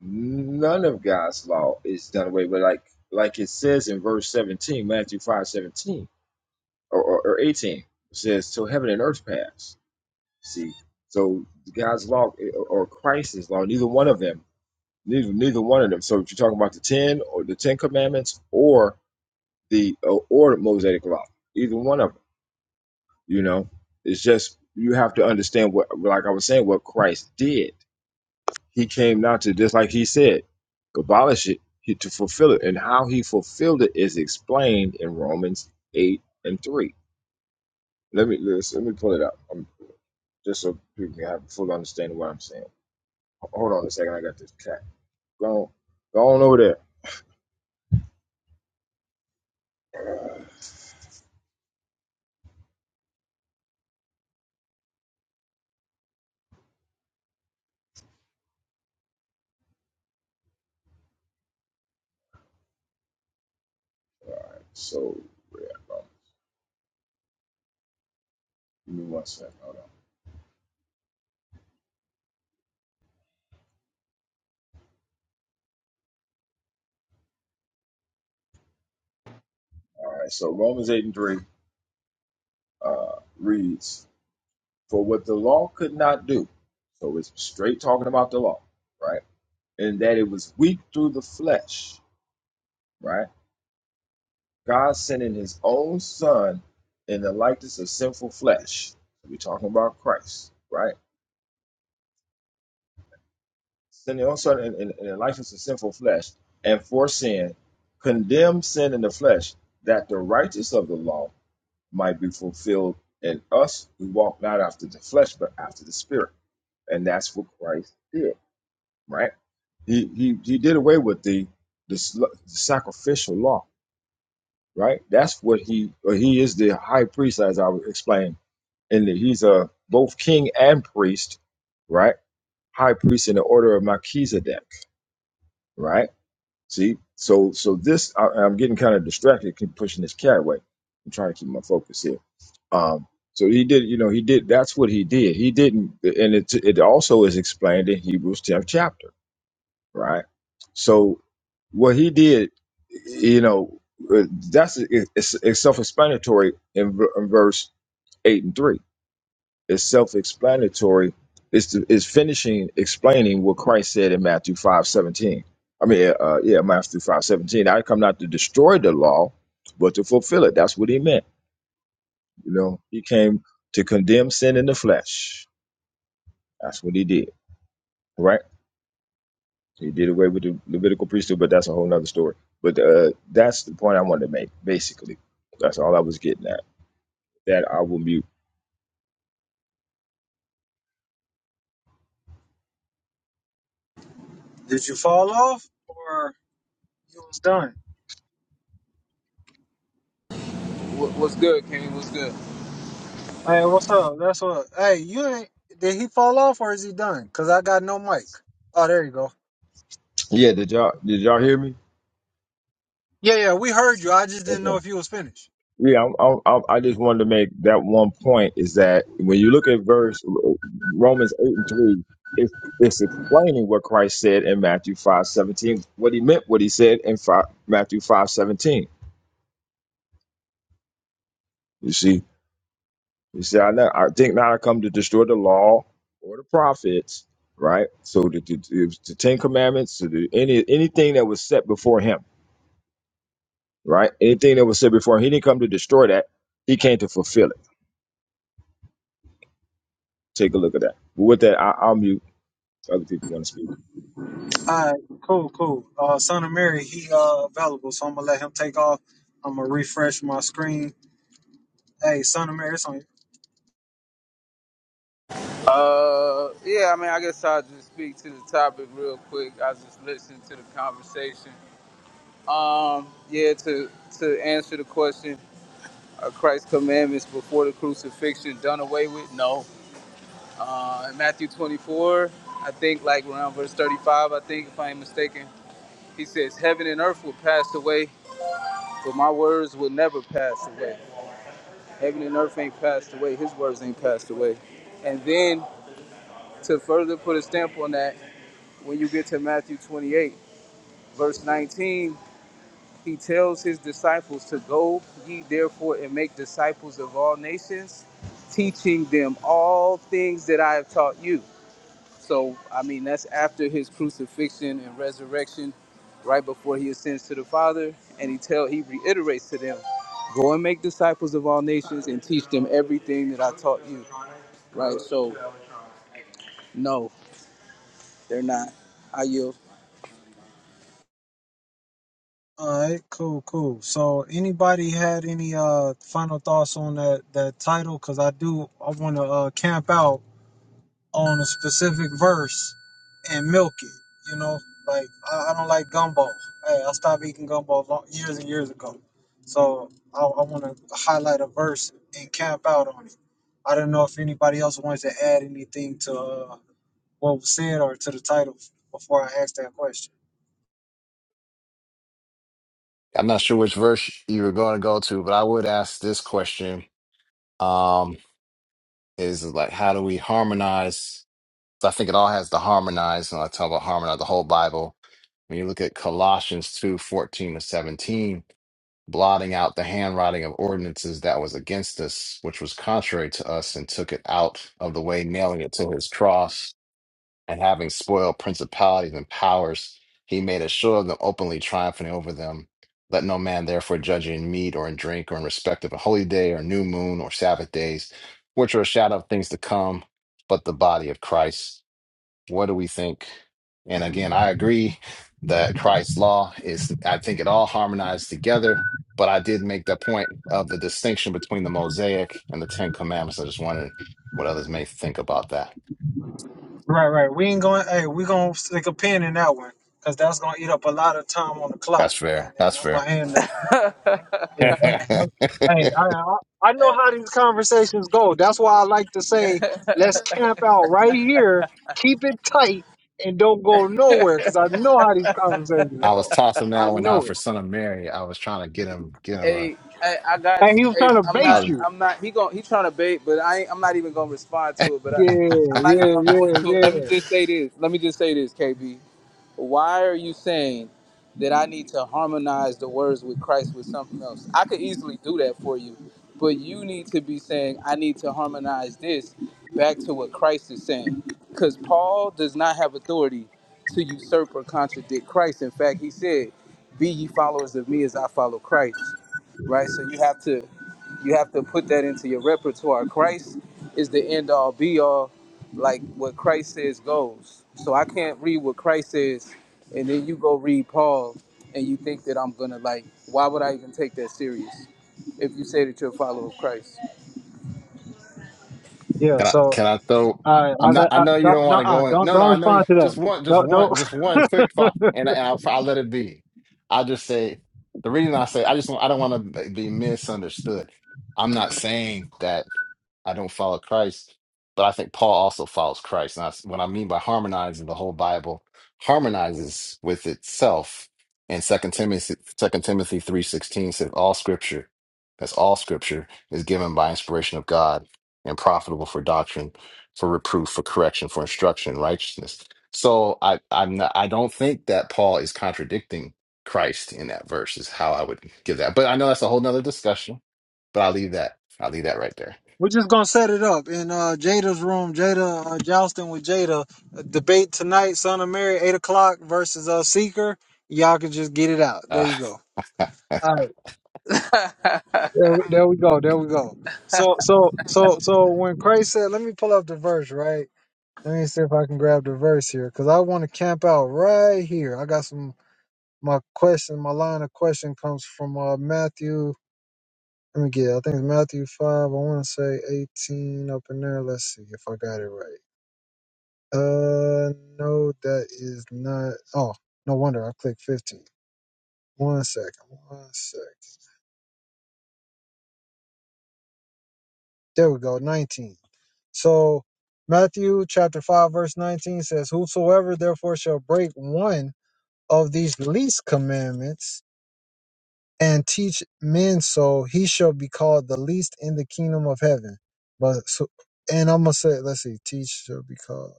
None of God's law is done away with, like like it says in verse 17, Matthew 5:17 or, or, or 18, it says, Till heaven and earth pass. See, so God's law or or Christ's law, neither one of them, neither neither one of them. So if you're talking about the ten or the Ten Commandments or the or, or the Mosaic law, either one of them, you know, it's just you have to understand what, like I was saying, what Christ did He came down to just like he said, abolish it he, to fulfill it. And how he fulfilled it is explained in Romans eight and three. Let me let's- let me pull it up. Um just so people can have a full understanding of what I'm saying. Ho- Hold on a second. I got this cat. Go on, go on over there. So yeah, um, give me one second. Hold on. All right. So Romans eight and three uh, reads, "For what the law could not do." So it's straight talking about the law, right? In that it was weak through the flesh, right? God sending his own son in the likeness of sinful flesh. We're talking about Christ, right? Sending his own son in, in, in the likeness of sinful flesh and for sin, condemned sin in the flesh, that the righteous of the law might be fulfilled in us who walk not after the flesh, but after the spirit. And that's what Christ did, right? He he, he did away with the, the sl- the sacrificial law, right? That's what he, or he is the high priest, as I explained and he's a both king and priest, right? High priest in the order of Melchizedek, right? See, so so this I, I'm getting kind of distracted, keep pushing this cat away. I'm trying to keep my focus here. Um, so he did, you know, he did. That's what he did. He didn't, and it it also is explained in Hebrews 10th chapter, right? So what he did, you know, uh, that's it's, it's self-explanatory in, v- in verse eight and three is self-explanatory. It's is finishing explaining what Christ said in Matthew five seventeen. I mean, uh, uh, yeah, Matthew five seventeen. I come not to destroy the law, but to fulfill it. That's what he meant. You know, he came to condemn sin in the flesh. That's what he did. Right? He did away with the Levitical priesthood, but that's a whole nother story. But uh, that's the point I wanted to make. Basically, that's all I was getting at. That I will mute. Did you fall off or you was done? What's good, King? What's good? Hey, what's up? That's what. Hey, you ain't. Did he fall off or is he done? Cause I got no mic. Oh, there you go. Yeah, did y'all did y'all hear me? Yeah, yeah, we heard you. I just didn't Okay. know if you was finished. Yeah, I'm, I'm, I'm, I just wanted to make that one point is that when you look at verse uh, Romans eight and three, it's it's explaining what Christ said in Matthew five seventeen, what he meant, what he said in five, Matthew five seventeen. You see, you see, I know, I think not. I come to destroy the law or the prophets, right? So the, the, the the Ten Commandments, to the, any anything that was set before him, right? Anything that was set before him, he didn't come to destroy that. He came to fulfill it. Take a look at that. But with that, I, I'll mute. So other people want to speak. All right, cool, cool. Uh, Son of Mary, he uh available, so I'm gonna let him take off. I'm gonna refresh my screen. Hey, Son of Mary, it's on you. Uh, yeah, I mean, I guess I'll just speak to the topic real quick. I just listened to the conversation. Um, yeah, to to answer the question, are Christ's commandments before the crucifixion done away with? No. Uh, in Matthew 24, I think like around verse 35, I think if I ain't mistaken, he says, "Heaven and earth will pass away, but my words will never pass away." Heaven and earth ain't passed away. His words ain't passed away. And then To further put a stamp on that, when you get to Matthew 28, verse 19, he tells his disciples to go ye therefore and make disciples of all nations, teaching them all things that I have taught you. So, I mean, that's after his crucifixion and resurrection, right before he ascends to the Father, and he tell he reiterates to them, go and make disciples of all nations and teach them everything that I taught you. Right? So, no, they're not. I yield. All right, cool, cool. So, anybody had any uh final thoughts on that that title? Cause I do, I want to uh camp out on a specific verse and milk it. You know, like I, I don't like gumbo. Hey, I stopped eating gumbo long, years and years ago. So I, I want to highlight a verse and camp out on it. I don't know if anybody else wants to add anything to uh, what was said or to the title before I ask that question. I'm not sure which verse you were going to go to, but I would ask this question. Um is like how do we harmonize? So I think it all has to harmonize, and I talk about harmonize the whole Bible. When you look at Colossians two fourteen to 17, blotting out the handwriting of ordinances that was against us, which was contrary to us, and took it out of the way, nailing it to his cross, and having spoiled principalities and powers, he made a show of them openly, triumphing over them. Let no man therefore judge you in meat or in drink or in respect of a holy day or new moon or Sabbath days, which are a shadow of things to come, but the body of Christ. What do we think? And again, I agree that Christ's law is, I think it all harmonized together, but I did make the point of the distinction between the Mosaic and the Ten Commandments. I just wondered what others may think about that. Right, right. We ain't going. Hey, we gonna stick a pin in that one because that's gonna eat up a lot of time on the clock. That's And fair. then That's I'm gonna fair. hand the Yeah, that, I that, hey, I, I I know how these conversations go. That's why I like to say, let's camp out right here, keep it tight, and don't go nowhere. Cause I know how these conversations was go. tossing I that one out know for it. Son of Mary. I was trying to get him, get him. A, Hey, I, I got And he you. was Hey, trying to I'm bait I not. was you. I'm not. He gon' He trying to bait, but I. Ain't, I'm not even gonna respond to it. But I. Yeah, I'm not even yeah, gonna go yeah, into it. Let me yeah, just say this. Let me just say this, KB. Why are you saying that I need to harmonize the words with Christ with something else? I could easily do that for you, but you need to be saying, I need to harmonize this back to what Christ is saying. Because Paul does not have authority to usurp or contradict Christ. In fact, he said, Be ye followers of me as I follow Christ. Right? So you have to you have to put that into your repertoire. Christ is the end all be all like what Christ says goes. So I can't read what Christ says, and then you go read Paul, and you think that I'm gonna like. Why would I even take that serious? If you say that you're a follower of Christ, yeah. Can I So, can I throw? all right, I'm I, not. I I, know you I, don't no, want to uh, go in. don't No, no. don't I know. You, respond to just that. one. Just Don't don't. one. Just one quick thought, and, and I'll, I'll let it be. i just say the reason I say I just I don't want to be misunderstood. I'm not saying that I don't follow Christ, but I think Paul also follows Christ. And that's what I mean by harmonizing the whole Bible harmonizes with itself. And Second Timothy, Second Timothy three sixteen says all Scripture. That's all Scripture is given by inspiration of God and profitable for doctrine, for reproof, for correction, for instruction, in righteousness. So I I'm not, I don't think that Paul is contradicting Christ in that verse is how I would give that. But I know that's a whole nother discussion. But I'll leave that I'll leave that right there. We're just gonna set it up in uh, Jada's room. Jada uh, jousting with Jada. A debate tonight, Son of Mary, eight o'clock versus uh, Seeker. Y'all can just get it out. There Uh, you go. All right, there, there we go. There we go. So, so, so, so when Craig said, "Let me pull up the verse," right? Let me see if I can grab the verse here because I want to camp out right here. I got some my question. My line of question comes from uh, Matthew. Let me get. I think it's Matthew five. I want to say eighteen up in there. Let's see if I got it right. Uh, no, that is not. Oh, no wonder I clicked 15. One second, one second. There we go, 19. So, Matthew chapter 5, verse 19 says, Whosoever therefore shall break one of these least commandments and teach men so, he shall be called the least in the kingdom of heaven. But, so, and I'm going to say, let's see, teach shall be called.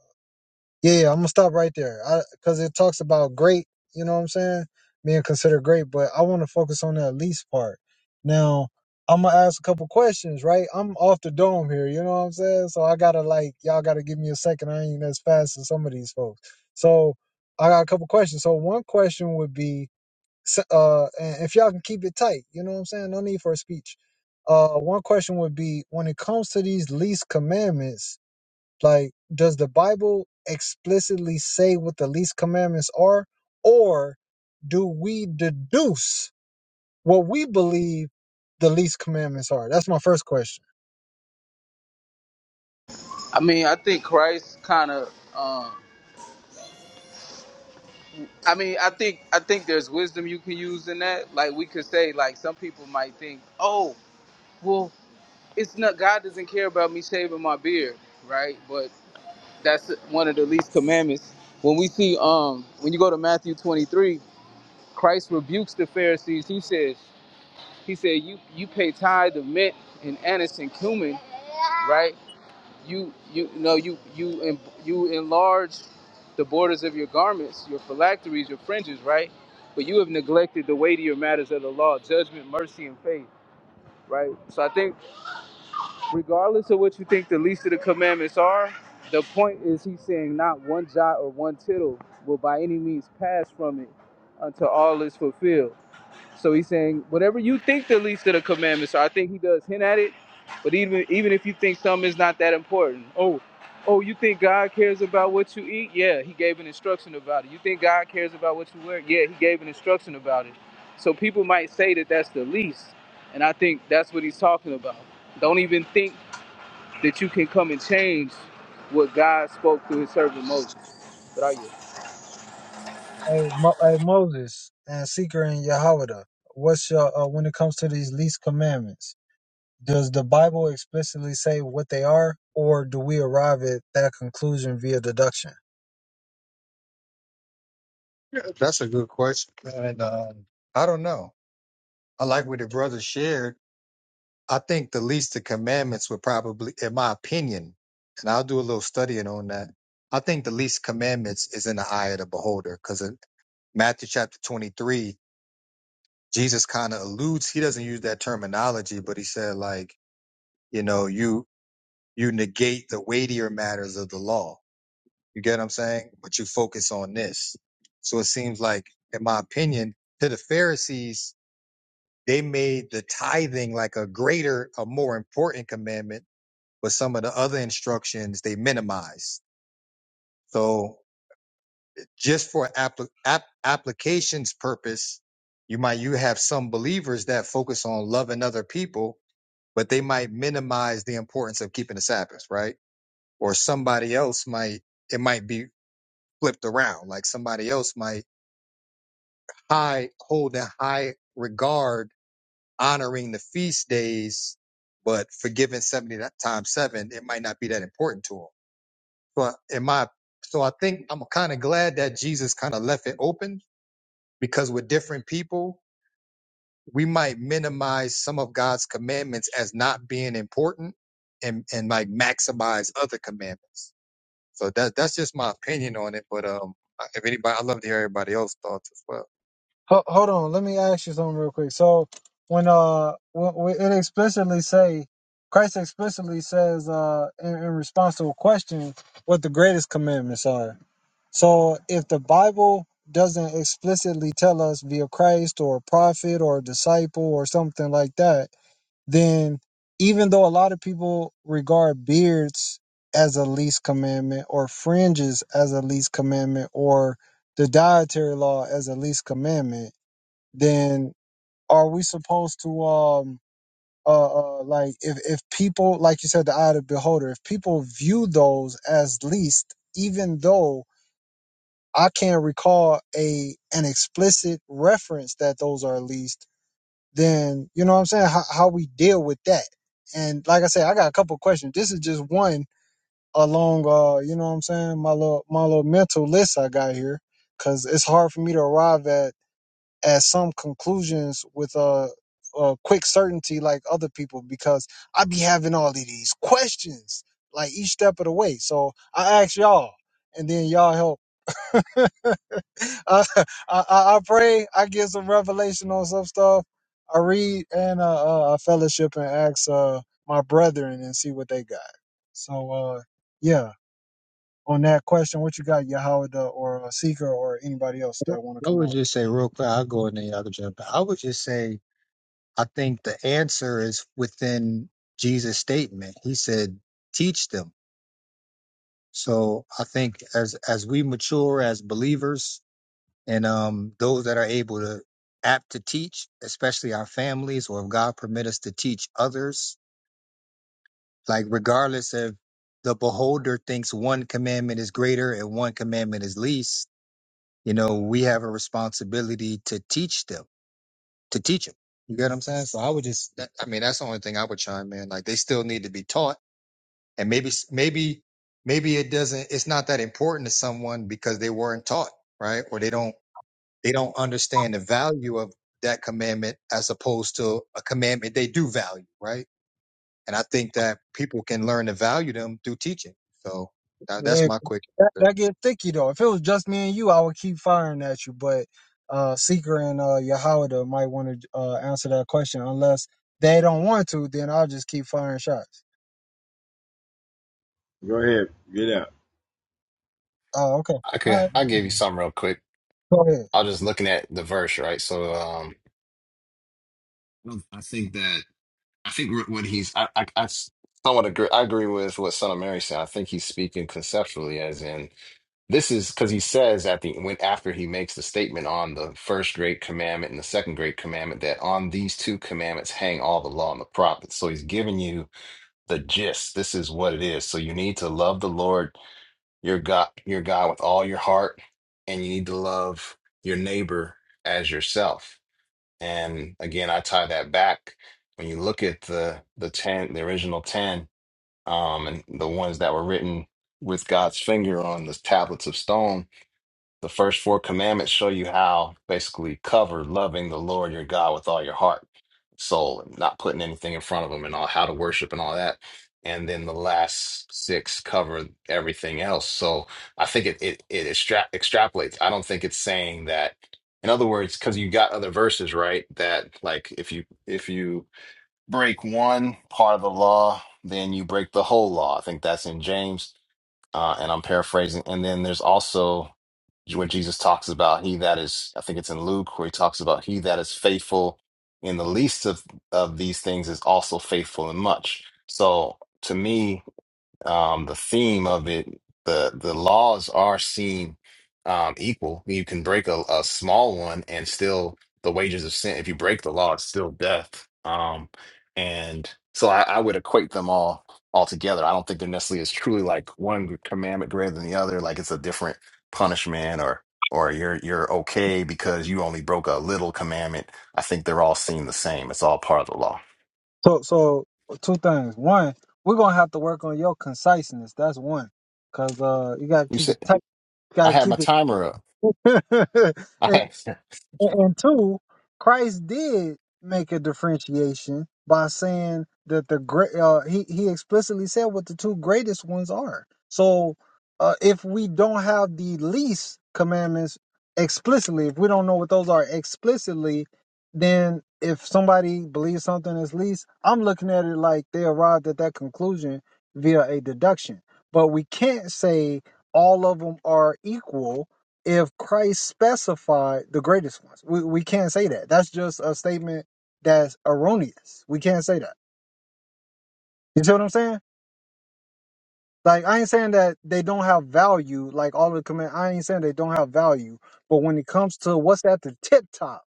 Yeah, yeah, I'm gonna stop right there. I because it talks about great, you know what I'm saying, being considered great, but I want to focus on that least part. Now, I'm gonna ask a couple questions, right? I'm off the dome here, you know what I'm saying? So I gotta like y'all gotta give me a second. I ain't as fast as some of these folks. So I got a couple questions. So one question would be, s- uh, and if y'all can keep it tight, you know what I'm saying? No need for a speech. Uh, one question would be when it comes to these least commandments like, does the Bible explicitly say what the least commandments are, or do we deduce what we believe the least commandments are? That's my first question. I mean, I think Christ kind of. Um, I mean, I think I think there's wisdom you can use in that. Like we could say, like some people might think, oh, well, it's not God doesn't care about me shaving my beard, right? But that's one of the least commandments. When we see, um, when you go to Matthew 23 Christ rebukes the Pharisees. He says, He said, you you pay tithe of mint and anise and cumin, right? You you know you you you enlarge the borders of your garments, your phylacteries, your fringes, right? But you have neglected the weightier matters of the law: judgment, mercy, and faith, right? So I think, regardless of what you think the least of the commandments are, the point is he's saying not one jot or one tittle will by any means pass from it until all is fulfilled so he's saying whatever you think the least of the commandments. So I think he does hint at it. But even even if you think something is not that important, oh, oh, you think God cares about what you eat? Yeah, he gave an instruction about it. You think God cares about what you wear? Yeah, he gave an instruction about it. So people might say that that's the least, and I think that's what he's talking about. Don't even think that you can come and change what God spoke through His servant Moses. But I you? Hey, Mo- hey Moses and Seeker and Yahweh, what's your uh, when it comes to these least commandments? Does the Bible explicitly say what they are, or do we arrive at that conclusion via deduction? yeah, that's a good question, man. and um, I don't know. I like what the brother shared. I think the least of commandments would probably, in my opinion, and I'll do a little studying on that. I think the least commandments is in the eye of the beholder because in Matthew chapter 23, Jesus kind of alludes, he doesn't use that terminology, but he said, like, you know, you, you negate the weightier matters of the law. You get what I'm saying? But you focus on this. So it seems like, in my opinion, to the Pharisees, they made the tithing like a greater, a more important commandment but some of the other instructions they minimize. So just for appli- app- applications purpose, you might you have some believers that focus on loving other people, but they might minimize the importance of keeping the Sabbath, right? Or somebody else might it might be flipped around, like somebody else might high hold in high regard honoring the feast days, but forgiving seventy times seven, it might not be that important to them So in my so I think I'm kind of glad that Jesus kind of left it open because with different people, we might minimize some of God's commandments as not being important and and like maximize other commandments. So that that's just my opinion on it. But um if anybody I love to hear everybody else's thoughts as well. Ho- hold on, let me ask you something real quick. So when uh when, when it explicitly say Christ explicitly says uh in, in response to a question what the greatest commandments are. So if the Bible doesn't explicitly tell us via Christ or a prophet or a disciple or something like that, then even though a lot of people regard beards as a least commandment or fringes as a least commandment or the dietary law as a least commandment, then are we supposed to um uh, uh like if if people like you said the eye of the beholder if people view those as least even though i can't recall a an explicit reference that those are least then you know what i'm saying how, how we deal with that and like i said i got a couple questions this is just one along uh you know what i'm saying my little my little mental list i got here because it's hard for me to arrive at at some conclusions with a, a quick certainty like other people because I be having all of these questions like each step of the way. So I ask y'all, and then y'all help. I, I I pray, I get some revelation on some stuff. I read and uh, uh, I fellowship and ask uh, my brethren and see what they got. So uh, yeah, on that question, what you got, Yahweh or uh, Seeker or anybody else that want to I come would up? just say real quick, I'll go in there, y'all can jump in. I would just say I think the answer is within Jesus' statement. He said, teach them. So I think as as we mature as believers and um those that are able to apt to teach, especially our families, or if God permit us to teach others, like regardless if the beholder thinks one commandment is greater and one commandment is least, you know, we have a responsibility to teach them, to teach them. You get what I'm saying? So I would just, that, I mean, that's the only thing I would chime in. Like they still need to be taught and maybe maybe maybe it doesn't it's not that important to someone because they weren't taught right or they don't they don't understand the value of that commandment as opposed to a commandment they do value right and i think that people can learn to value them through teaching so that, that's Man, my quick that, answer. that get thicky though. If it was just me and you, I would keep firing at you. But uh Seeker and uh Yahawada might want to uh answer that question. Unless they don't want to, then I'll just keep firing shots. Go ahead. Get out. Oh, okay. I All could right. I give you some real quick. Go ahead. I was just looking at the verse right. So um, I think that I think what he's I I, I somewhat agree I agree with what Son of Mary said. I think he's speaking conceptually, as in This is because he says at the when after he makes the statement on the first great commandment and the second great commandment that on these two commandments hang all the law and the prophets. So he's giving you the gist. This is what it is. So you need to love the Lord your God, your God with all your heart, and you need to love your neighbor as yourself. And again, I tie that back when you look at the the ten, the original ten, um, and the ones that were written with God's finger on the tablets of stone the first four commandments show you how basically cover loving the Lord your God with all your heart, soul, and not putting anything in front of him and all how to worship and all that. And then the last six cover everything else. So I think it it, it extra extrapolates. I don't think it's saying that. In other words, because you got other verses, right? That like if you if you break one part of the law, then you break the whole law. I think that's in James uh, and I'm paraphrasing. And then there's also where Jesus talks about he that is, I think it's in Luke, where he talks about he that is faithful in the least of, of these things is also faithful in much. So to me, um, the theme of it, the the laws are seen um, equal. You can break a, a small one and still the wages of sin. If you break the law, it's still death. Um, and so I, I would equate them all all together. I don't think there necessarily is truly like one commandment greater than the other. Like it's a different punishment or or you're you're okay because you only broke a little commandment. I think they're all seen the same. It's all part of the law. So so two things. One, we're gonna have to work on your conciseness. That's one. Cause uh you gotta You keep it said tight. I gotta had keep my it timer up. I and, had. And, and two, Christ did make a differentiation by saying that the great uh, he he explicitly said what the two greatest ones are. So uh, if we don't have the least commandments explicitly, if we don't know what those are explicitly, then if somebody believes something is least, I'm looking at it like they arrived at that conclusion via a deduction. But we can't say all of them are equal if Christ specified the greatest ones. We, we can't say that. That's just a statement that's erroneous. We can't say that. You see what I'm saying? Like I ain't saying that they don't have value, like all of the command I ain't saying they don't have value. But when it comes to what's at the tip top,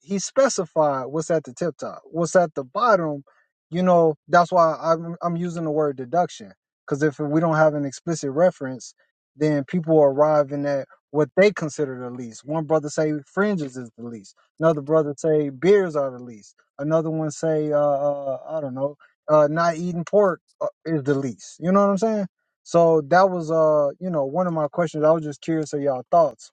he specified what's at the tip top. What's at the bottom, you know, that's why I'm I'm using the word deduction because if we don't have an explicit reference, then people are arriving at what they consider the least. One brother say fringes is the least. Another brother say beers are the least. Another one say uh, uh I don't know, uh not eating pork uh, is the least. You know what I'm saying? So that was uh you know one of my questions. I was just curious of y'all thoughts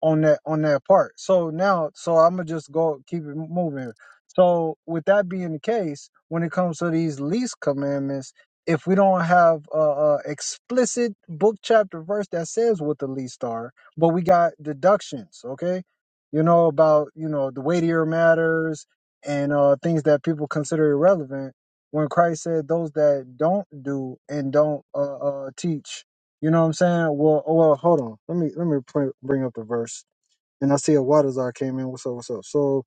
on that on that part. So now, so I'm gonna just go keep it moving. So with that being the case, when it comes to these least commandments, if we don't have a, a explicit book chapter verse that says what the least are, but we got deductions, okay? You know about you know the weightier matters and uh, things that people consider irrelevant. When Christ said those that don't do and don't uh, uh, teach you know what I'm saying? Well, oh, well, hold on. Let me let me pr- bring up the verse. And I see a Wadazar came in. What's up? What's up? So,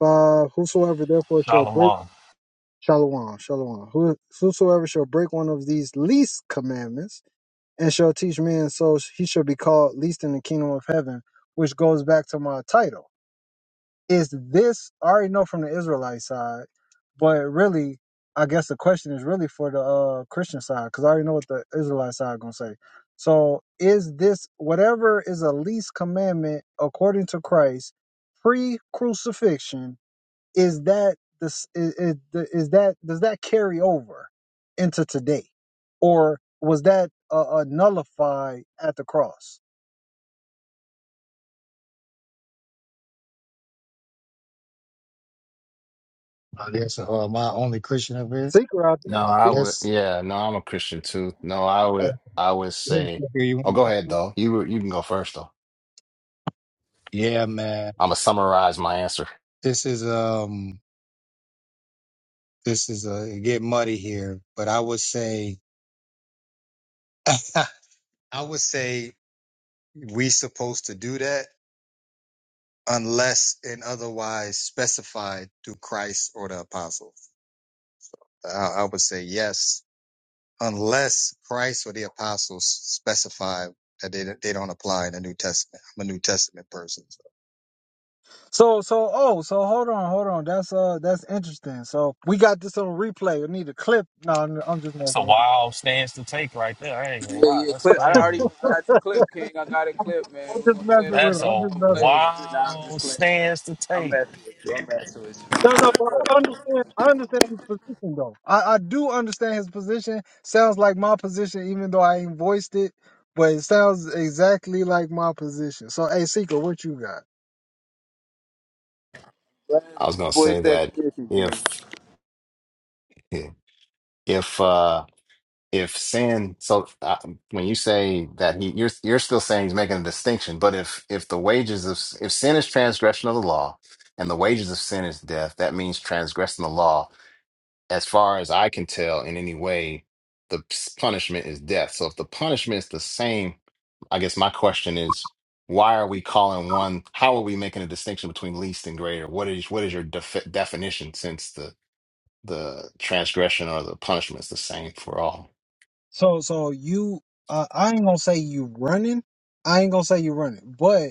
uh, whosoever therefore shall break Shalom. shalom, shalom. Who, whosoever shall break one of these least commandments and shall teach men, so he shall be called least in the kingdom of heaven. Which goes back to my title is this I already know from the Israelite side, but really, I guess the question is really for the uh, Christian side because I already know what the Israelite side gonna say. So is this whatever is a least commandment according to Christ pre-crucifixion? Is that this is, is is that does that carry over into today, or was that uh, uh, nullified at the cross? I guess uh, my only Christian up here. Seeker out No, I I there. would. guess Yeah, no, I'm a Christian too. No, I would. I would say. Oh, go ahead though. You you can go first though. yeah, man. I'm gonna summarize my answer. This is um this is a it get muddy here, but I would say i would say we supposed to do that unless and otherwise specified through Christ or the apostles. I, I would say yes, unless Christ or the apostles specify that they they don't apply in the New Testament. I'm a New Testament person. So. So so oh so hold on hold on that's uh that's interesting. So we got this on replay. I need a clip. No, I'm, I'm just That's a messing. I'm just, wild stance to take right there. I ain't Yeah, gonna lie. yeah, That's clip. I already crazy. I got the clip, King. I got it I'm just clip, man. I'm We're just gonna play it messing on the with That's it. re. I'm a We're just gonna play messing it with on it. the re. Nah, I'm just wild playing. stance to I'm take. messing with you. I'm messing with you. No, no, but Look, I understand. I understand his position though. I I do understand his position. Sounds like my position, even though I ain't voiced it. But it sounds exactly like my position. So hey, Seeker, what you got? Let I me was gonna voice say that that condition, King. if if uh if sin, so uh, when you say that he, you're you're still saying he's making a distinction. But if if the wages of if sin is transgression of the law, and the wages of sin is death, that means transgressing the law. as far as I can tell, in any way, the s- punishment is death. So if the punishment is the same, I guess my question is, why are we calling one? How are we making a distinction between least and greater? What is what is your def definition since the the transgression or the punishment is the same for all? So so you, uh, I ain't gonna say you running. I ain't gonna say you running, but.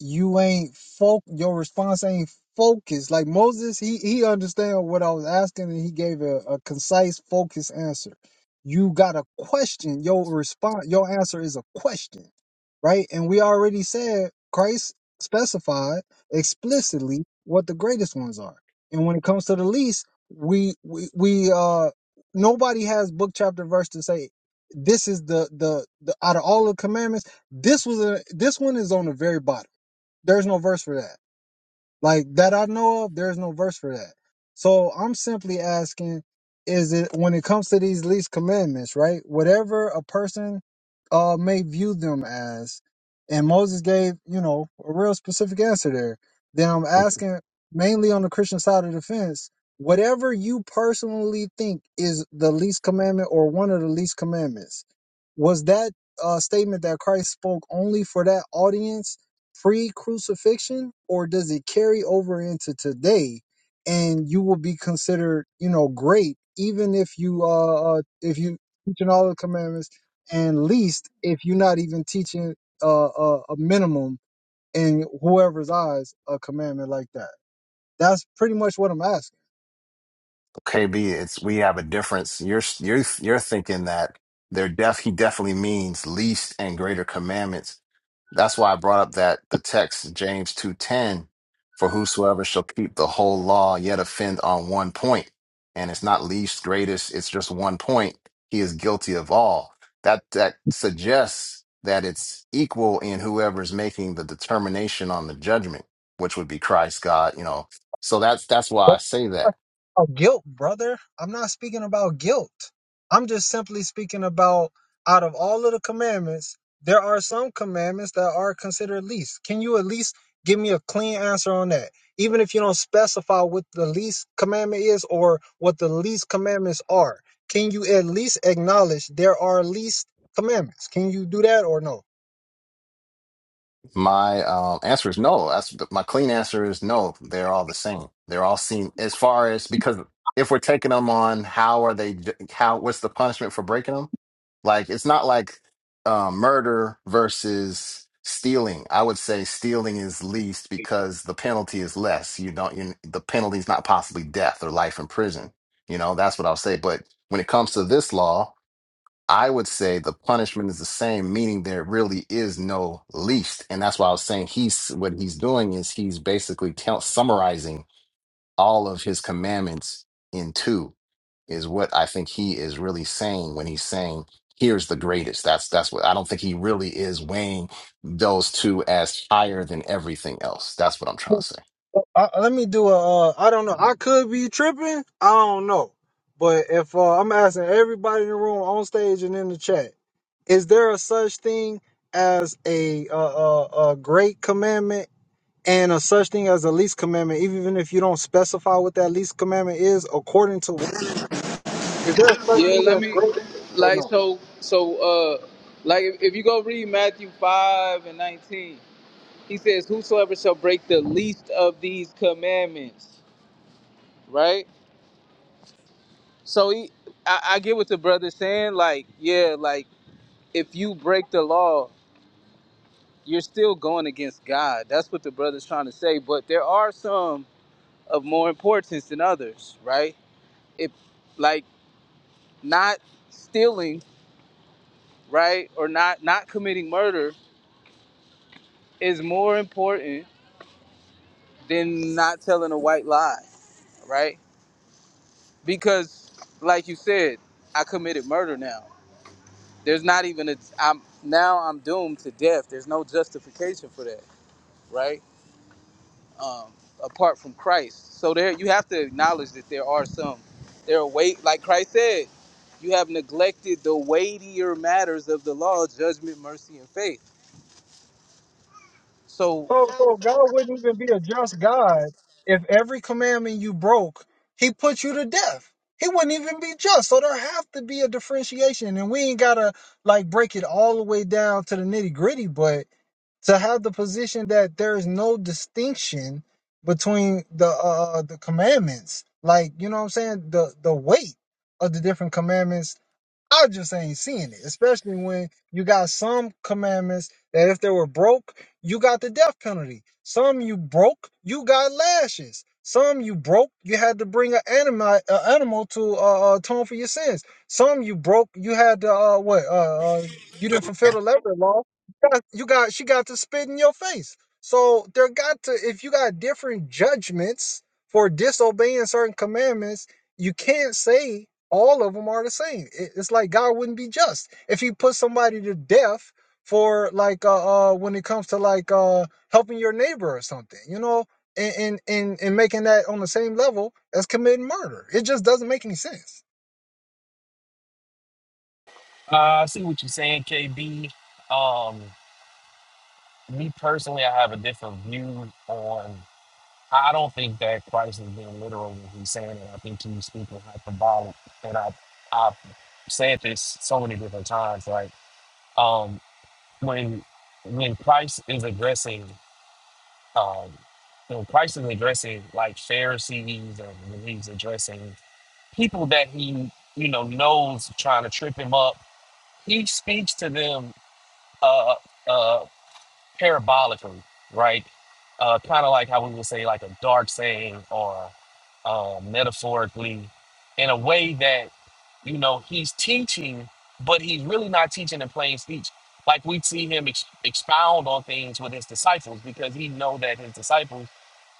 you ain't folk your response ain't focused like moses he he understand what i was asking and he gave a, a concise focused answer you got a question your response your answer is a question right and we already said christ specified explicitly what the greatest ones are and when it comes to the least we we, we uh nobody has book chapter verse to say this is the the, the out of all the commandments this was a this one is on the very bottom there's no verse for that. Like that I know of, there's no verse for that. So I'm simply asking, is it when it comes to these least commandments, right? Whatever a person uh may view them as, and Moses gave, you know, a real specific answer there. Then I'm asking mainly on the Christian side of the fence, whatever you personally think is the least commandment or one of the least commandments, was that uh statement that Christ spoke only for that audience? pre crucifixion or does it carry over into today and you will be considered you know great even if you uh uh, if you teaching all the commandments and least if you're not even teaching uh, uh a minimum in whoever's eyes a commandment like that that's pretty much what i'm asking KB, it's we have a difference. You're you're you're thinking that they're def he definitely means least and greater commandments. That's why I brought up that the text James two ten, for whosoever shall keep the whole law yet offend on one point, and it's not least greatest, it's just one point. He is guilty of all. That that suggests that it's equal in whoever's making the determination on the judgment, which would be Christ, God. You know, so that's that's why I say that Oh, guilt, brother. I'm not speaking about guilt. I'm just simply speaking about out of all of the commandments, there are some commandments that are considered least. Can you at least give me a clean answer on that? Even if you don't specify what the least commandment is or what the least commandments are, can you at least acknowledge there are least commandments? Can you do that or no? My um, answer is no. That's my clean answer is no. They're all the same. They're all seen as far as because if we're taking them on, how are they? How what's the punishment for breaking them? Like it's not like um, murder versus stealing. I would say stealing is least because the penalty is less. You don't. You the penalty is not possibly death or life in prison. You know that's what I'll say. But when it comes to this law. I would say the punishment is the same, meaning there really is no least. And that's why I was saying he's what he's doing is he's basically tell, summarizing all of his commandments in two is what I think he is really saying when he's saying here's the greatest. That's that's what I don't think he really is weighing those two as higher than everything else. That's what I'm trying to say. Uh, let me do a. Uh, I don't know. I could be tripping. I don't know. But if uh, I'm asking everybody in the room, on stage, and in the chat, is there a such thing as a uh, uh, a great commandment and a such thing as a least commandment? Even if you don't specify what that least commandment is, according to what- is there a such thing Yeah, let as me. great or Like no? so, so uh, like if, if you go read Matthew five and nineteen, he says, "Whosoever shall break the least of these commandments." right? So he, I, I get what the brother's saying. Like, yeah, like if you break the law, you're still going against God. That's what the brother's trying to say. But there are some of more importance than others, right? If like not stealing, right, or not not committing murder is more important than not telling a white lie, right? Because like you said, I committed murder now. There's not even a I'm now I'm doomed to death. There's no justification for that, right? um, apart from Christ. So there, you have to acknowledge that there are some. There are weight, like Christ said, you have neglected the weightier matters of the law: judgment, mercy, and faith. So So, so God wouldn't even be a just God if every commandment you broke, He put you to death. He wouldn't even be just. So there have to be a differentiation, and we ain't gotta like break it all the way down to the nitty gritty. But to have the position that there is no distinction between the uh uh, the commandments, like you know what I'm saying, the the weight of the different commandments I just ain't seeing it, especially when you got some commandments that if they were broke, you got the death penalty. Some you broke, you got lashes. Some you broke, you had to bring an animal, a animal to uh, uh, atone for your sins. Some you broke, you had to uh, what? Uh, uh, you didn't fulfill the leper law. You got, you got, she got to spit in your face. So there got to, if you got different judgments for disobeying certain commandments, you can't say all of them are the same. It's like God wouldn't be just if He put somebody to death for like uh, uh when it comes to like uh helping your neighbor or something, you know, and and and, and making that on the same level as committing murder. It just doesn't make any sense. Uh, I see what you're saying, KB. Um, me personally, I have a different view on. I don't think that Christ is being literal when he's saying it. I think he's speaking hyperbolic, and I I've said this so many different times. Like, um, when when Christ is addressing Um, you know, Christ is addressing like Pharisees and he's addressing people that he, you know, knows trying to trip him up. He speaks to them. Uh, uh, parabolically, right? Uh, kind of like how we would say like a dark saying or uh, metaphorically, in a way that you know he's teaching, but he's really not teaching in plain speech. Like we see him ex- expound on things with his disciples because he know that his disciples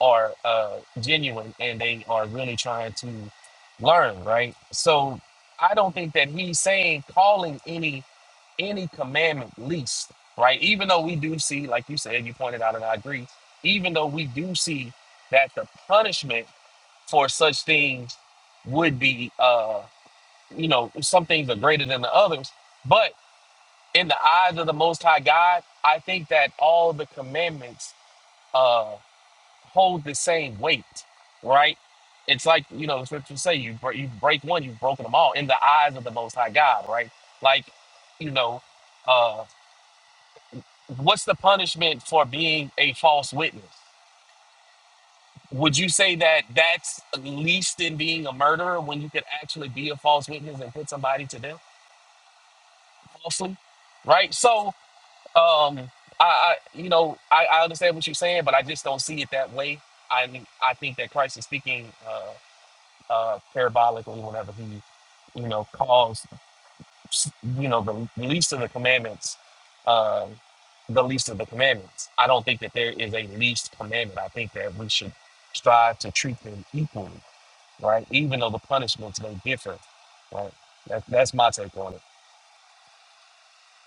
are uh, genuine and they are really trying to learn, right? So I don't think that he's saying calling any any commandment least, right? Even though we do see, like you said, you pointed out, and I agree, even though we do see that the punishment for such things would be, uh, you know, some things are greater than the others. But in the eyes of the Most High God, I think that all the commandments uh, hold the same weight, right? It's like, you know, the scriptures say you, bre- you break one, you've broken them all in the eyes of the Most High God, right? Like, you know, uh, what's the punishment for being a false witness? Would you say that that's least in being a murderer when you could actually be a false witness and put somebody to death falsely, right? So, um, I, I you know, I, I understand what you're saying, but I just don't see it that way. I mean, I think that Christ is speaking uh, uh, parabolically whenever he, you know, calls you know the, the least of the commandments uh, the least of the commandments i don't think that there is a least commandment i think that we should strive to treat them equally right even though the punishments may differ right that, that's my take on it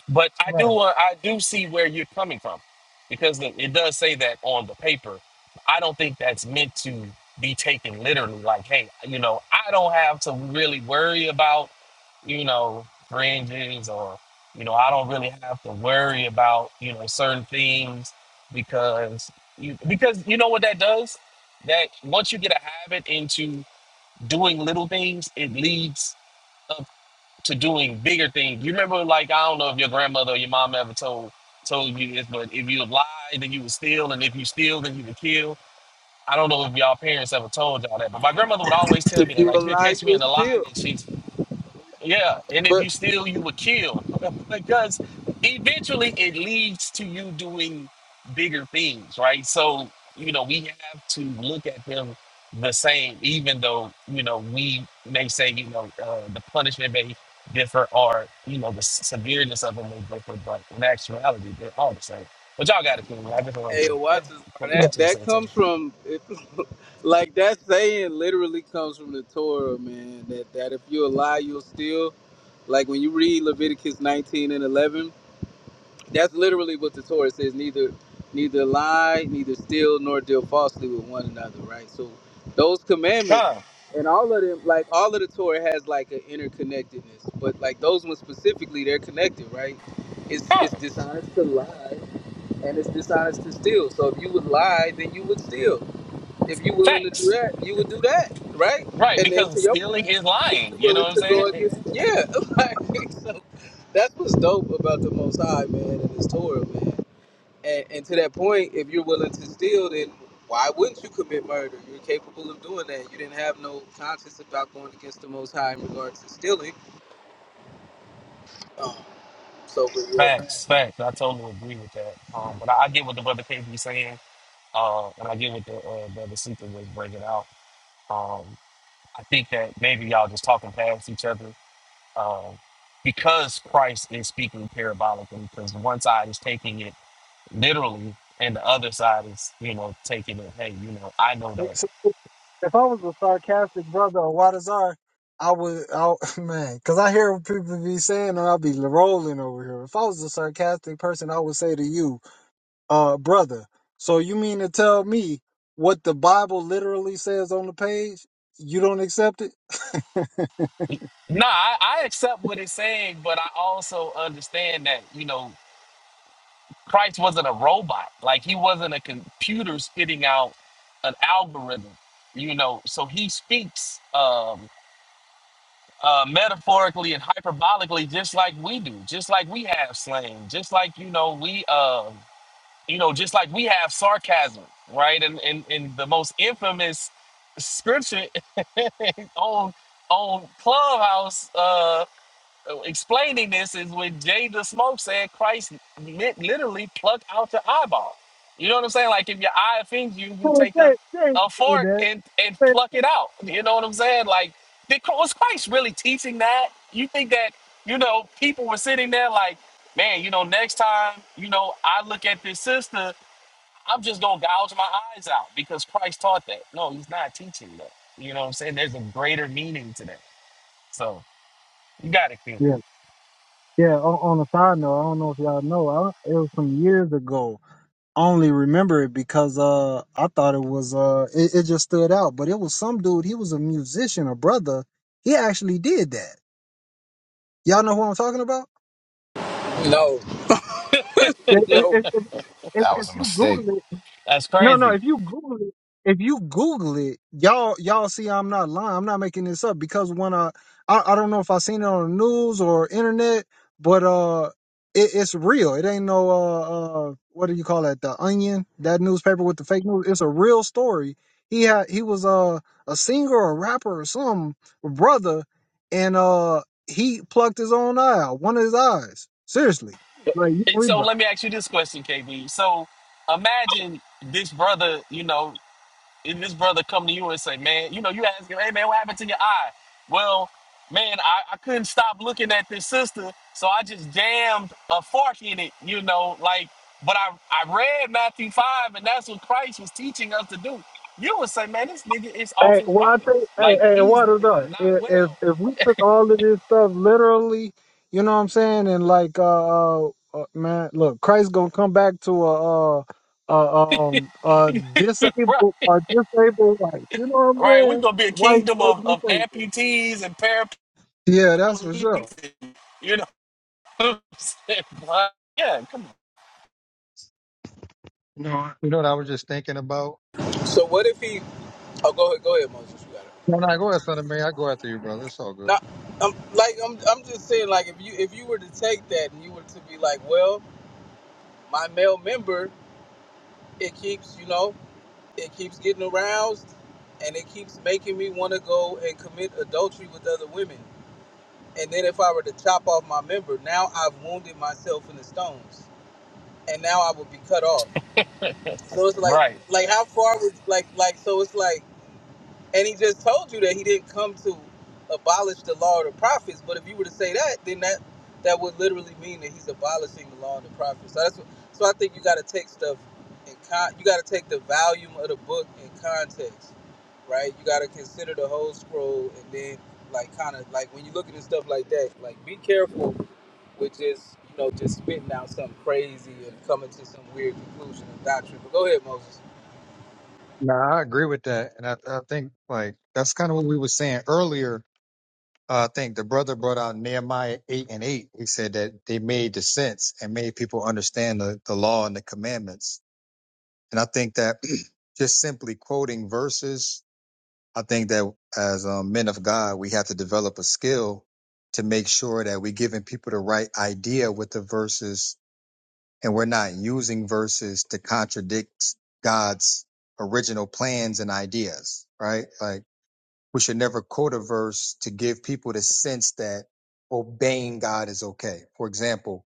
but I do Right. want I do see where you're coming from because the- it does say that on the paper. I don't think that's meant to be taken literally. Like, hey, you know, I don't have to really worry about you know fringes or you know I don't really have to worry about you know certain things because you because you know what that does that once you get a habit into doing little things, it leads to doing bigger things. You remember, like I don't know if your grandmother or your mom ever told told you this, but if you lied, then you would steal, and if you steal, then you would kill. I don't know if y'all parents ever told y'all that, but my grandmother would always tell me if that. you Like she'd allow, catch me you'll in a lie, still. and she yeah, and if But you steal, you will kill because eventually it leads to you doing bigger things, right? So, you know, we have to look at them the same, even though, you know, we may say, you know, uh, the punishment may differ or, you know, the s- severeness of them may differ, but in actuality, they're all the same. But y'all got it, King. I just wanted hey, to watch this. bro. put my Yeah. That two that cents in. comes from, like that saying, literally comes from the Torah, man. That that if you allow, you'll steal. Like when you read Leviticus 19 and 11 That's literally what the Torah says. Neither, neither lie, neither steal, nor deal falsely with one another. Right. So those commandments Huh, and all of them, like all of the Torah, has like an interconnectedness. But like those ones specifically, they're connected. Right. It's huh, it's dishonest to lie, and it's dishonest to steal. So if you would lie, then you would steal. If you are willing to do facts. that, you would do that, right? Right, And then because to your stealing point, is if you lying. are You know willing to what go I'm saying? against, yeah, like so, that's what's dope about the Most High, man, and His Torah, man. And, and to that point, if you're willing to steal, then why wouldn't you commit murder? You're capable of doing that. You didn't have no conscience about going against the Most High in regards to stealing. Um, so, but Facts, yeah, facts. I totally agree with that. Um, but I, I get what the brother KB saying, uh, and I get what the uh, brother Seeker was bringing out. Um, I think that maybe y'all just talking past each other um, because Christ is speaking parabolically. Because one side is taking it literally, and the other side is, you know, taking it. Hey, you know, I know that. So if I was a sarcastic brother or Wadazar, I would, I man, because I hear what people be saying, and I'll be rolling over here. If I was a sarcastic person, I would say to you, Uh, brother, so you mean to tell me what the Bible literally says on the page? You don't accept it? Nah, I, I accept what it's saying, but I also understand that, you know. Christ wasn't a robot. Like he wasn't a computer spitting out an algorithm, you know. So he speaks um, uh, metaphorically and hyperbolically, just like we do, just like we have slang, just like you know we, um, you know, just like we have sarcasm, right? And and, and the most infamous scripture on on Clubhouse. Uh, uh, explaining this is when Jay the Smoke said Christ lit, literally plucked out your eyeball. You know what I'm saying? Like if your eye offends you, you Well, take a, thank- say, a you, fork Dad. and, and Thank- pluck it out. You know what I'm saying? Like did, was Christ really teaching that? You think that you know people were sitting there like, man, you know, next time you know I look at this sister, I'm just gonna gouge my eyes out because Christ taught that. No, he's not teaching that. You know what I'm saying? There's a greater meaning to that. So you got it, Q. Yeah, yeah. On, on a side note, I don't know if y'all know, I, it was some years ago. I only remember it because uh, I thought it was uh, it, it just stood out. But it was some dude. He was a musician, a brother. He actually did that. Y'all know who I'm talking about? no, If, no. if, if, if That if was a you Google mistake. it, That's No, no. crazy. If you Google it, if you Google it, y'all y'all see I'm not lying. I'm not making this up because when I I, I don't know if I seen it on the news or internet, but uh, it, it's real. It ain't no uh, uh what do you call that? The Onion, that newspaper with the fake news. It's a real story. He had he was uh, a singer or rapper or some brother, and uh he plucked his own eye out, one of his eyes. Seriously, like you can And read so let me ask you this question, KB. So imagine this brother, you know, if this brother come to you and say, man, you know, you ask him, hey man, what happened to your eye? Well, man, I, I couldn't stop looking at this sister, so I just jammed a fork in it, you know, like, but I, I read Matthew 5, and that's what Christ was teaching us to do. You would say, man, this nigga is off Hey, his well, I rocker. think, hey, Like, hey, he's what is that? not If, well. if if we took all of this stuff literally, you know what I'm saying, and like, uh, uh uh, man, look, Christ gonna come back to a, uh, uh, um, uh, Bruh, disabled, a disabled wife. You know what I'm right, we're saying? going to be a Wife kingdom straight of, of disabled. amputees and paraplegics Yeah, that's for he sure. thinks it. You know what I'm saying? But, yeah, come No, you know what I was just thinking about. So what if he? Oh, go ahead, go ahead, Moses. You got it. No, no, go ahead, Son of Mary. I go after you, brother. It's all good. No, I'm like I'm. I'm just saying, like if you if you were to take that and you were to be like, well, my male member, it keeps you know, it keeps getting aroused, and it keeps making me want to go and commit adultery with other women. And then if I were to chop off my member, now I've wounded myself in the stones, and now I would be cut off. So it's on. like, Right. like how far would like like so it's like And he just told you that he didn't come to abolish the law of the prophets. But if you were to say that, then that that would literally mean that he's abolishing the law of the prophets. So that's what, so I think you got to take stuff in con. You got to take the volume of the book in context, right? You got to consider the whole scroll, and then like kind of like when you look at this stuff like that, like be careful with just you know just spitting out something crazy and coming to some weird conclusion of doctrine. But go ahead, Moses. No, I agree with that, and I, I think like that's kind of what we were saying earlier Uh, I think the brother brought out Nehemiah 8 and 8. He said that they made the sense and made people understand the, the law and the commandments. And I think that just simply quoting verses, I think that as um, men of God, we have to develop a skill to make sure that we're giving people the right idea with the verses and we're not using verses to contradict God's original plans and ideas, right? Like, we should never quote a verse to give people the sense that obeying God is okay. For example,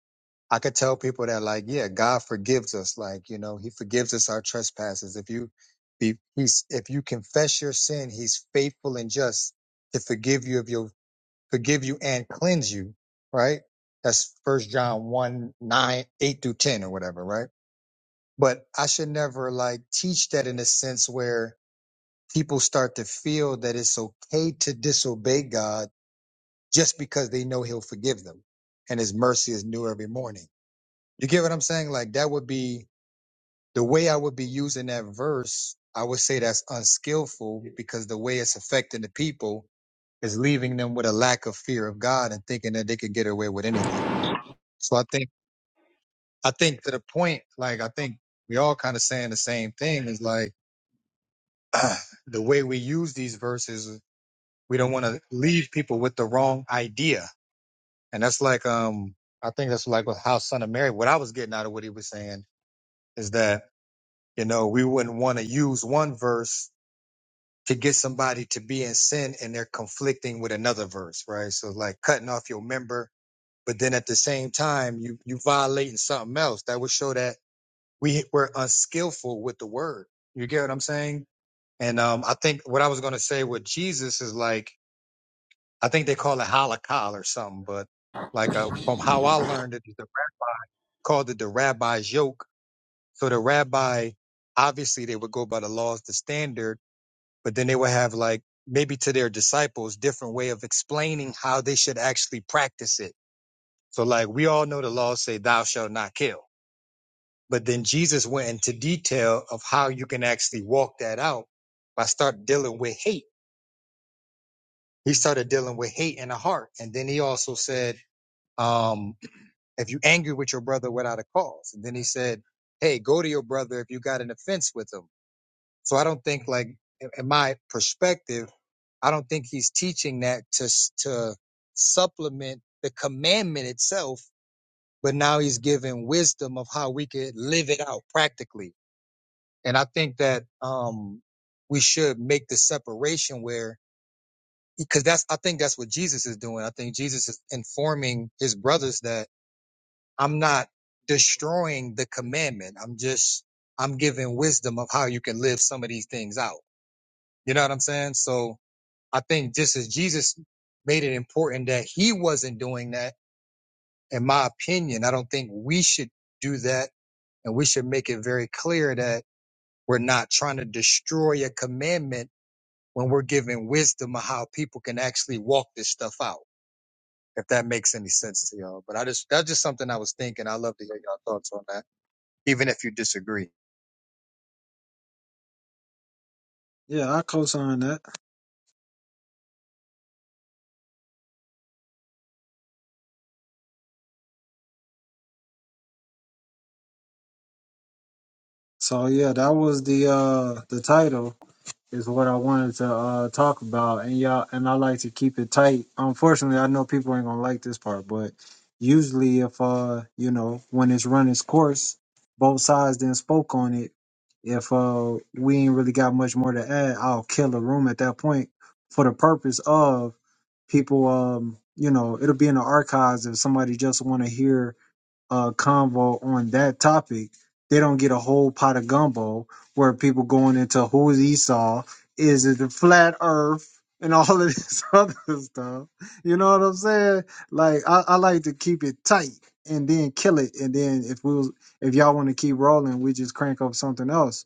I could tell people that like, yeah, God forgives us. Like, you know, he forgives us our trespasses. If you be, he's, if you confess your sin, he's faithful and just to forgive you of your, forgive you and cleanse you. Right. That's first John one 9 8 through 10 or whatever. Right. But I should never like teach that in a sense where people start to feel that it's okay to disobey God just because they know he'll forgive them and his mercy is new every morning. You get what I'm saying? Like that would be the way I would be using that verse. I would say that's unskillful because the way it's affecting the people is leaving them with a lack of fear of God and thinking that they could get away with anything. So I think, I think to the point, like, I think we all kind of saying the same thing is like the way we use these verses We don't want to leave people with the wrong idea. And that's like, um, I think that's like with how Son of Mary, what I was getting out of what he was saying is that, you know, we wouldn't want to use one verse to get somebody to be in sin and they're conflicting with another verse, right? So like cutting off your member, but then at the same time, you, you violating something else that would show that we were unskillful with the word. You get what I'm saying? And um, I think what I was going to say with Jesus is like, I think they call it halakha or something, but like uh, from how I learned it, they called it the rabbi's yoke. So the rabbi, obviously, they would go by the laws, the standard, but then they would have like maybe to their disciples different way of explaining how they should actually practice it. So like we all know the laws say thou shalt not kill, but then Jesus went into detail of how you can actually walk that out by start dealing with hate. He started dealing with hate in the heart, and then he also said. Um, Have you angered with your brother without a cause? And then he said, Hey, go to your brother if you got an offense with him. So I don't think, like, in my perspective, I don't think he's teaching that to to supplement the commandment itself, but now he's giving wisdom of how we could live it out practically. And I think that um, we should make the separation where because that's I think that's what Jesus is doing. I think Jesus is informing his brothers that I'm not destroying the commandment. I'm just I'm giving wisdom of how you can live some of these things out. You know what I'm saying? So I think just as Jesus made it important that he wasn't doing that, in my opinion, I don't think we should do that. And we should make it very clear that we're not trying to destroy a commandment when we're giving wisdom of how people can actually walk this stuff out, if that makes any sense to y'all. But I just, that's just something I was thinking. I love to hear y'all thoughts on that even if you disagree. Yeah, I co-signed that. So yeah, that was the uh the title. is what I wanted to uh, talk about, and y'all, and I like to keep it tight. Unfortunately, I know people ain't gonna like this part, but usually, if uh, you know, when it's run its course, both sides then spoke on it. If uh, we ain't really got much more to add, I'll kill a room at that point for the purpose of people. Um, you know, it'll be in the archives if somebody just want to hear uh, convo on that topic, they don't get a whole pot of gumbo where people going into who is Esau, is it the flat Earth, and all of this other stuff. You know what I'm saying? Like I, I like to keep it tight and then kill it, and then if we was if y'all want to keep rolling, we just crank up something else.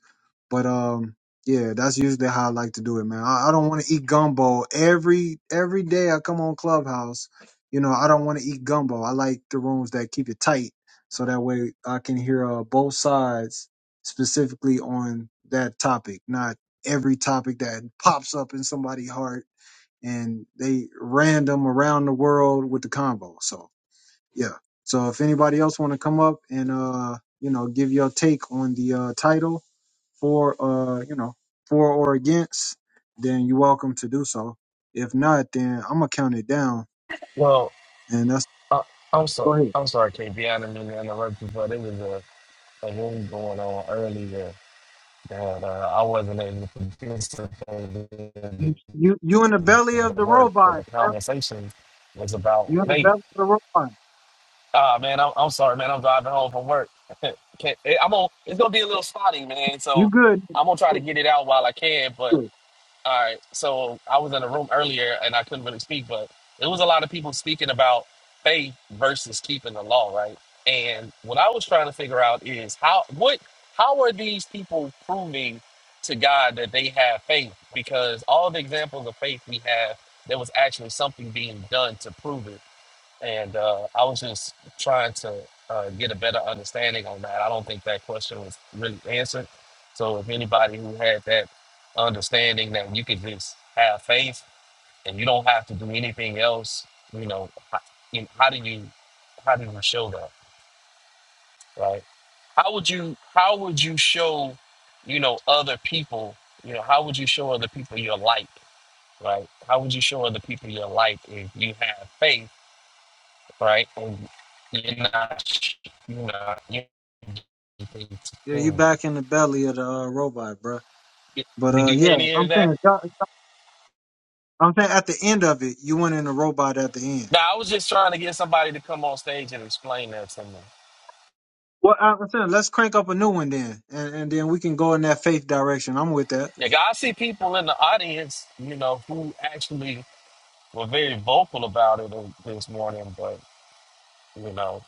But um, yeah, that's usually how I like to do it, man. I, I don't want to eat gumbo every every day. I come on Clubhouse. You know, I don't want to eat gumbo. I like the rooms that keep it tight so that way I can hear uh, both sides specifically on that topic, not every topic that pops up in somebody's heart and they random around the world with the convo. So yeah. So if anybody else want to come up and uh you know give your take on the uh title for uh you know for or against, then you're welcome to do so. If not, then I'm gonna count it down Well, and that's uh, I'm sorry. go ahead. I'm sorry, KB. I didn't mean to interrupt you, but it was a, a room going on earlier that uh, I wasn't able to participate in You you you in the belly of the the work, but the robot, conversation was about You in the faith. belly of the robot. Ah, man, I'm, I'm sorry, man. I'm driving home from work. Can't, eh, I'm on. It's gonna be a little spotty, man. You So good. I'm gonna try to Good, get it out while I can. but. good. All right. So I was in a room earlier and I couldn't really speak, but it was a lot of people speaking about faith versus keeping the law, right? And what I was trying to figure out is how what how are these people proving to God that they have faith? Because all the examples of faith we have, there was actually something being done to prove it and uh, I was just trying to uh, get a better understanding on that. I don't think that question was really answered. So if anybody who had that understanding that you could just have faith and you don't have to do anything else, you know, how, you know, how do you how do you show that, right? How would you how would you show, you know, other people, you know, how would you show other people your light, right? How would you show other people your light if you have faith? right? And You're not, sh- you know, you it's Yeah, you cool. back in the belly of the uh, robot, bruh. But Did uh, you hear yeah, any I'm of that? saying, God- I'm saying at the end of it, you went in the robot at the end. No, I was just trying to get somebody to come on stage and explain that to me. Well, I- I'm saying let's crank up a new one then, and, and then we can go in that faith direction. I'm with that. Like, I see people in the audience, you know, who actually were very vocal about it this morning, but, you know,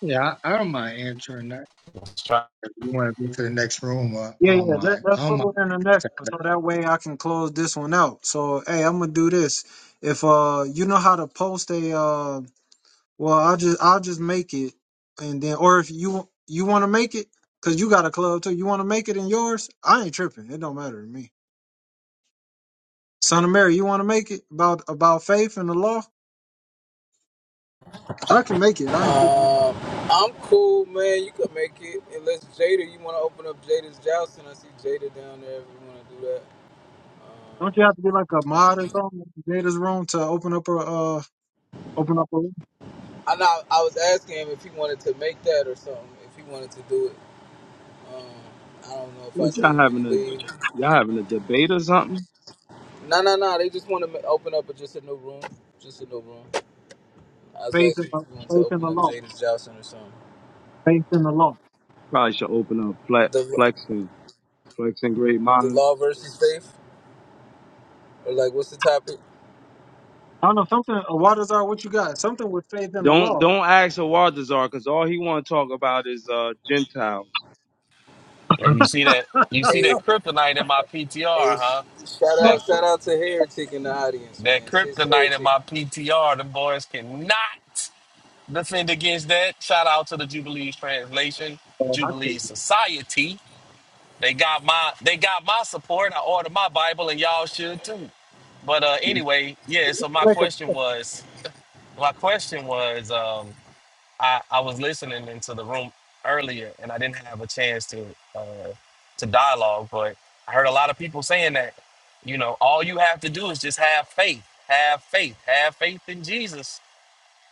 Yeah, I, I don't mind answering that. it's trying. If you want to go to the next room, uh, I Yeah, yeah. don't Let, mind. let's I don't mind. put it in the next one, so that way I can close this one out. So, hey, I'm gonna do this. If uh, you know how to post a uh Well, I'll just I'll just make it, and then or if you you want to make it, cause you got a club too. You want to make it in yours? I ain't tripping. It don't matter to me. Son of Mary, you want to make it about about faith and the law? I can make it. I ain't tripping. Uh, I'm cool, man. You can make it. Unless Jada, you want to open up Jada's Jousting. I see Jada down there if you want to do that. Don't you Um, have to be like a mod or something in Jada's room to open up a uh open up a room? I know I was asking him if he wanted to make that or something, if he wanted to do it. Um, I don't know if I What see y'all him. Did having he a leave? y'all having a debate or something? No, no, no. They just want to ma- open up a just a new room. Just a new room. I was faith in asking if the you wanted to faith in open the up law? Jada's Jousting or something. Faith in the law. Probably should open up flex The, flexing flexing great the minds. law versus faith? Or like, what's the topic? I don't know something. Uh, Waters are what you got? Something with faith in the Don't law. don't ask a Waltazar because all he want to talk about is uh Gentiles. And you see that, you see that kryptonite in my PTR, Hey, huh? shout No, That, out, shout out to Heretic in the audience, that man. Sis kryptonite in Heretic. my PTR, the boys cannot. defend against that. Shout out to the Jubilees Translation, the Oh, I can. Jubilees Society. They got my they got my support. I ordered my Bible, and y'all should too. But uh, anyway, yeah. So my question was, my question was, um, I I was listening into the room earlier, and I didn't have a chance to uh, to dialogue, but I heard a lot of people saying that, you know, all you have to do is just have faith, have faith, have faith in Jesus,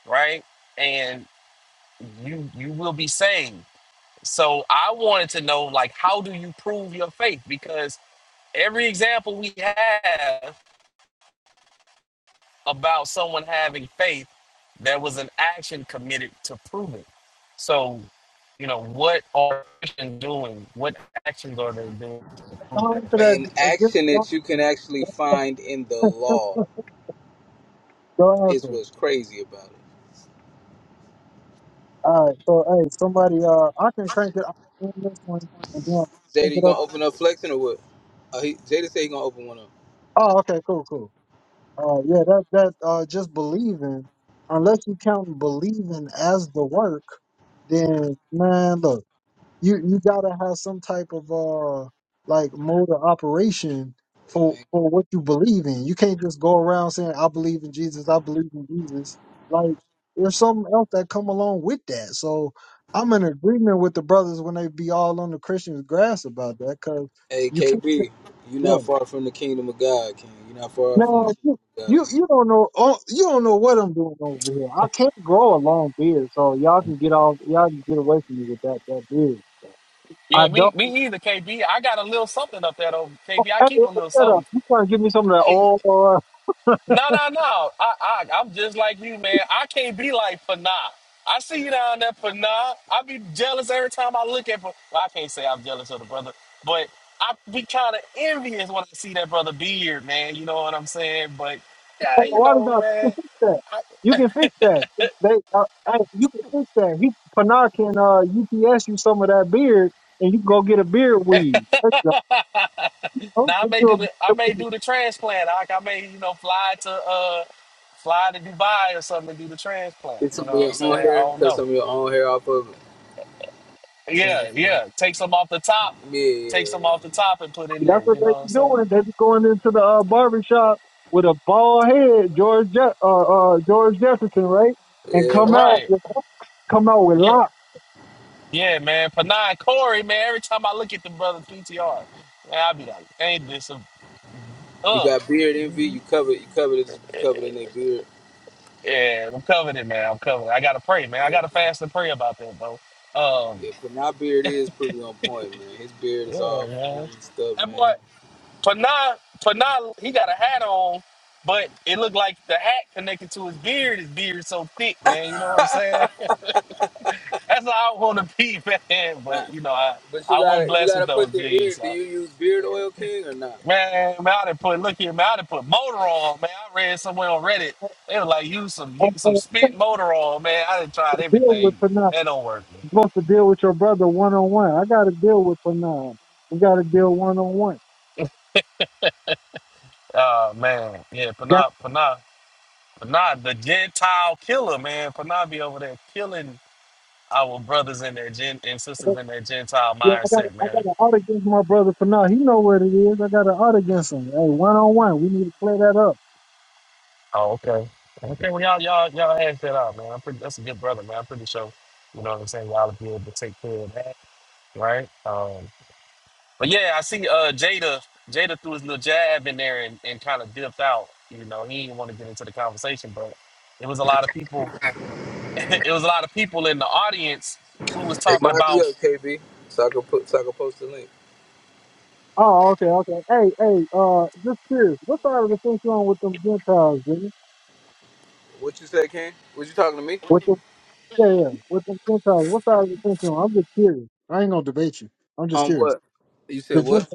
right? And you you will be saved. So I wanted to know like how do you prove your faith? Because every example we have about someone having faith, there was an action committed to prove it. So, you know, what are Christians doing? What actions are they doing to prove their don't answer faith? that. An Uh, just- action don't- that you can actually find in the law don't is answer. what's crazy about it. All right, so hey, somebody, uh, I can crank it up on this one and then I'll Jada, crank you it up. gonna open up flexing or what? Oh, he, Jada said he gonna open one up. Oh, okay, cool, cool. Uh, yeah, that that uh, just believing, unless you count believing as the work, then man, look. you you gotta have some type of uh like mode of operation Hey, for man. for what you believe in. You can't just go around saying I believe in Jesus, I believe in Jesus. Like there's something else that come along with that. So I'm in agreement with the brothers when they be all on the Christian's grass about that because Hey, you can't. just- KB, you Yeah. not far from the kingdom of God, King. You not far from the Now you kingdom of you God. you don't know oh, you don't know what I'm doing over here. I can't grow a long beard, so y'all can get off. Y'all can get away from me with that that beard. I Yeah, don't. me me either, KB. I got a little something up there though, KB. I Hey, keep yo, a little shut up. something. You trying to give me some of that Hey. old? Uh, No, no, no. I, I, I'm just like you, man. I can't be like Panah. I see you down there, Panah. I be jealous every time I look at. Pan- Well, I can't say I'm jealous of the brother, but I be kind of envious when I see that brother beard, man. You know what I'm saying? But yeah, you why does know, that? You man. can fix that. You can fix that. They, uh, hey, you can fix that. He Panah can uh, UPS you some of that beard, and you can go get a beard weed. That's the- I, oh, now I get may you do a the I beard may weed. do the transplant. I, I may, you know, fly to uh fly to Dubai or something and do the transplant. Get You some of know what I'm your own saying? I hair, don't cut know. some of your own hair off of it. Yeah, Transplant. yeah. Take some off the top, Yeah, take some off the top and put in That's there. what You they know what I'm be saying? doing. They be going into the uh, barber shop with a bald head, George Je- uh, uh, George Jefferson, right? And yeah, come man. out, Right. with- come out with Yeah. locks. Yeah, man. Panay Corey, man. Every time I look at the brother PTR, man, I be like, ain't this a You uh? got beard envy. You covered, you covered it. You covered in their beard. Yeah, I'm covered it, man. I'm covered. I gotta pray, man. I gotta fast and pray about that, bro. Um, Yeah, but my beard is pretty on point, man. His beard is yeah, all full man. and stuff, That boy man. Panay, Panay, he got a hat on, but it looked like the hat connected to his beard. His beard so thick, man. You know what I'm saying? That's how I want to be, man. Not, But you know, I but you I wasn't gotta you blessed with gotta those put the jeans. ear. Do So. you use beard oil, King, or not? Man, man, I done put look here, man, I done put motor on, man. I read somewhere on Reddit. They were like, use some you, And, some uh, spent motor on, man. I done tried Deal with everything. Panah. That don't work, man. supposed to deal with your brother one on one. I got to deal with him now. We got to deal one on one. Oh man, yeah, Got Panah, Panah, Panah, the Gentile killer, man. Panah be over there killing our brothers and their gen and sisters in their Gentile yeah, I got mindset, I man. got an out against my brother for now. He know what it is. I got an out against him. Hey, one on one. We need to clear that up. Oh, okay. Okay, well, y'all, y'all, y'all hash that out, man. I'm pretty, that's a good brother, man. I'm pretty sure, you know what I'm saying, y'all will be able to take care of that, right? Um, but yeah, I see uh, Jada, Jada threw his little jab in there and, and kind of dipped out. You know, he didn't want to get into the conversation, but it was a lot of people, it was a lot of people in the audience who was Hey, talking mind me about up, KB, so I can put so I can post the link. Oh, okay, okay. Hey, hey, uh, just curious. What side of the fence you on with them Gentiles, Jimmy? What you say, King? Was you talking to me? With them, yeah, yeah, with them Gentiles. What side of the fence you on? I'm just curious. I ain't gonna debate you. I'm just On curious. what? You said The what? Gentiles,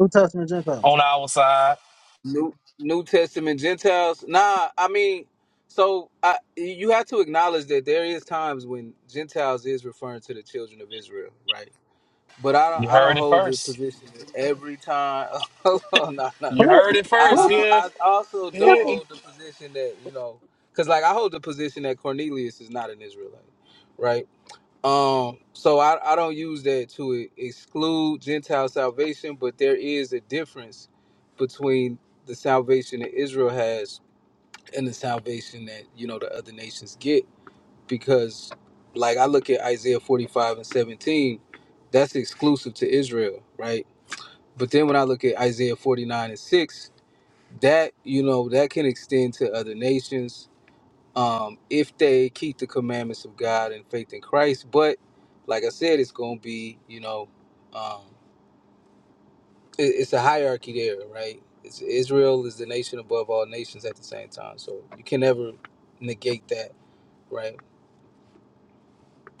New Testament Gentiles. on our side. New New Testament Gentiles? Nah, I mean, so I you have to acknowledge that there is times when Gentiles is referring to the children of Israel, right? But I don't You I don't heard it hold the first. position that every time. Hold on, no, no, no. You Flip, heard it I, first I flip, don't. here. I also flip. don't here. it. hold the position that you know, because like I hold the position that Cornelius is not an Israelite, right? Um, so I I don't use that to e- exclude Gentile salvation, but there is a difference between the salvation that Israel has and the salvation that you know the other nations get because like I look at Isaiah 45 and 17, that's exclusive to Israel, right? But then when I look at Isaiah 49 and 6, that you know that can extend to other nations um, if they keep the commandments of God and faith in Christ. But like I said, it's going to be you know um, it, it's a hierarchy there, right? It's, Israel is the nation above all nations at the same time, so you can never negate that, right?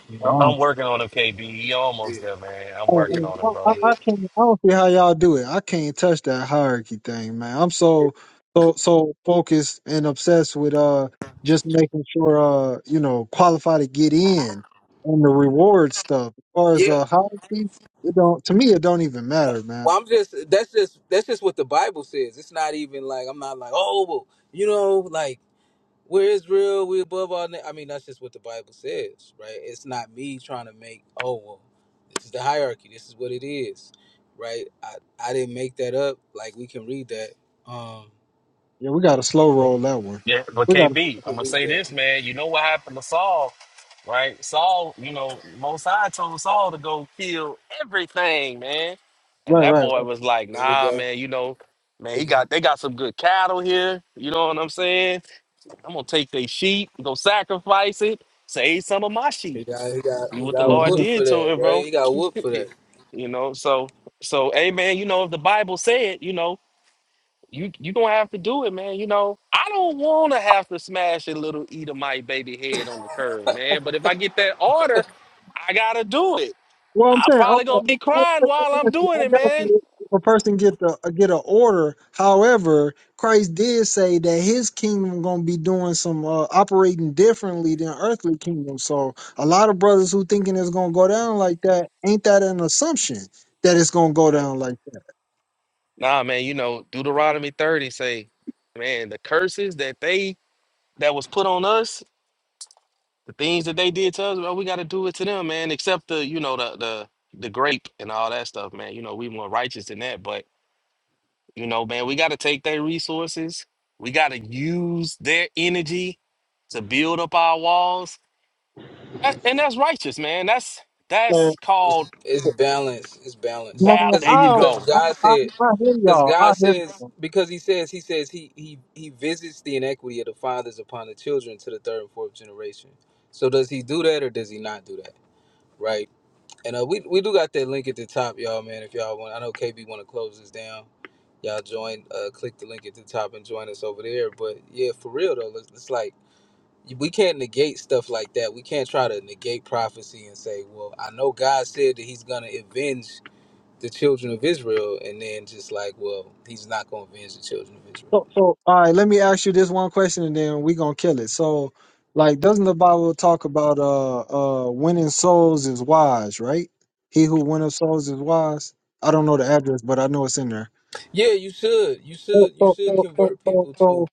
Yeah, I I- don't I'm working on him, KB. You Yeah. almost there, man. I'm Oh, yeah. working on it, oh, I, bro. I I can't. I don't see how y'all do it. I can't touch that hierarchy thing, man. I'm yeah. so so so focused and obsessed with uh just making sure uh you know qualify to get in and the reward stuff. As far as Yeah, uh hierarchy, it don't to me it don't even Well, matter, man. I'm just that's just that's just what the Bible says. It's not even like I'm not like oh well, you know like we're Israel, we above all. Na-. I mean that's just what the Bible says, right? It's not me trying to make oh well, this is the hierarchy. This is what it is, right? I I didn't make that up. Like we can read that. Um, Yeah, we got to slow roll that one. Yeah, but We got to KB, we I'm can gonna read say that. this, man. You know what happened to Saul, right? Saul, you know, Mosai told Saul to go kill everything, man. And right, that right, boy was like, He nah, got man, you know, man, he he got got they got some good cattle here. You know what I'm saying? I'm gonna take their sheep, go sacrifice it, save some of my sheep. he got he got, See he what the got right. Lord whooped did for to that, it, right? bro. He got whooped for that. you know, so so hey man, you know, if the Bible said, you know you you gonna have to do it, man. You know, I don't want to have to smash a little Edomite baby head on the curb, man. But if I get that order, I gotta do it. Well, I'm I saying, probably okay, gonna be I I- crying while I I'm got you. doing I it, got man. you. If a person get the uh, get an order, however, Christ did say that His kingdom gonna be doing some uh, operating differently than earthly kingdom. So a lot of brothers who thinking it's gonna go down like that, ain't that an assumption that it's gonna go Nah, down like that? nah, man. You know, Deuteronomy thirty say, man, the curses that they that was put on us, the things that they did to us, well, we gotta do it to them, man. Except the you know the the the grape and all that stuff, man. You know, we more righteous than that, but. You know, man, we got to take their resources. We got to use their energy to build up our walls. A- And that's righteous, man. That's So, that's called It's balance. It's balance. bal. no, There Because you I, go. I, God I, said, I hear because y'all. I God hear y'all. says, because He says, He says He He He visits the inequity of the fathers upon the children to the third and fourth generation. So does He do that or does He not do that? Right. And uh, we we do got that link at the top, y'all, man. If y'all want, I know KB want to close this down. Y'all join, uh, click the link at the top and join us over there. But yeah, for real though, it's, it's like we can't negate stuff like that. We can't try to negate prophecy and say, "Well, I know God said that He's gonna avenge the children of Israel and then just like, well, he's not going to avenge the children of Israel. So, so all right, let me ask you this one question, and then we gonna kill it. So, like, doesn't the Bible talk about uh uh winning souls is wise, right? He who winneth souls is wise. I don't know the address, but I know it's in there. Yeah, you should. You So, should. You so, should so, so, convert so, people so to.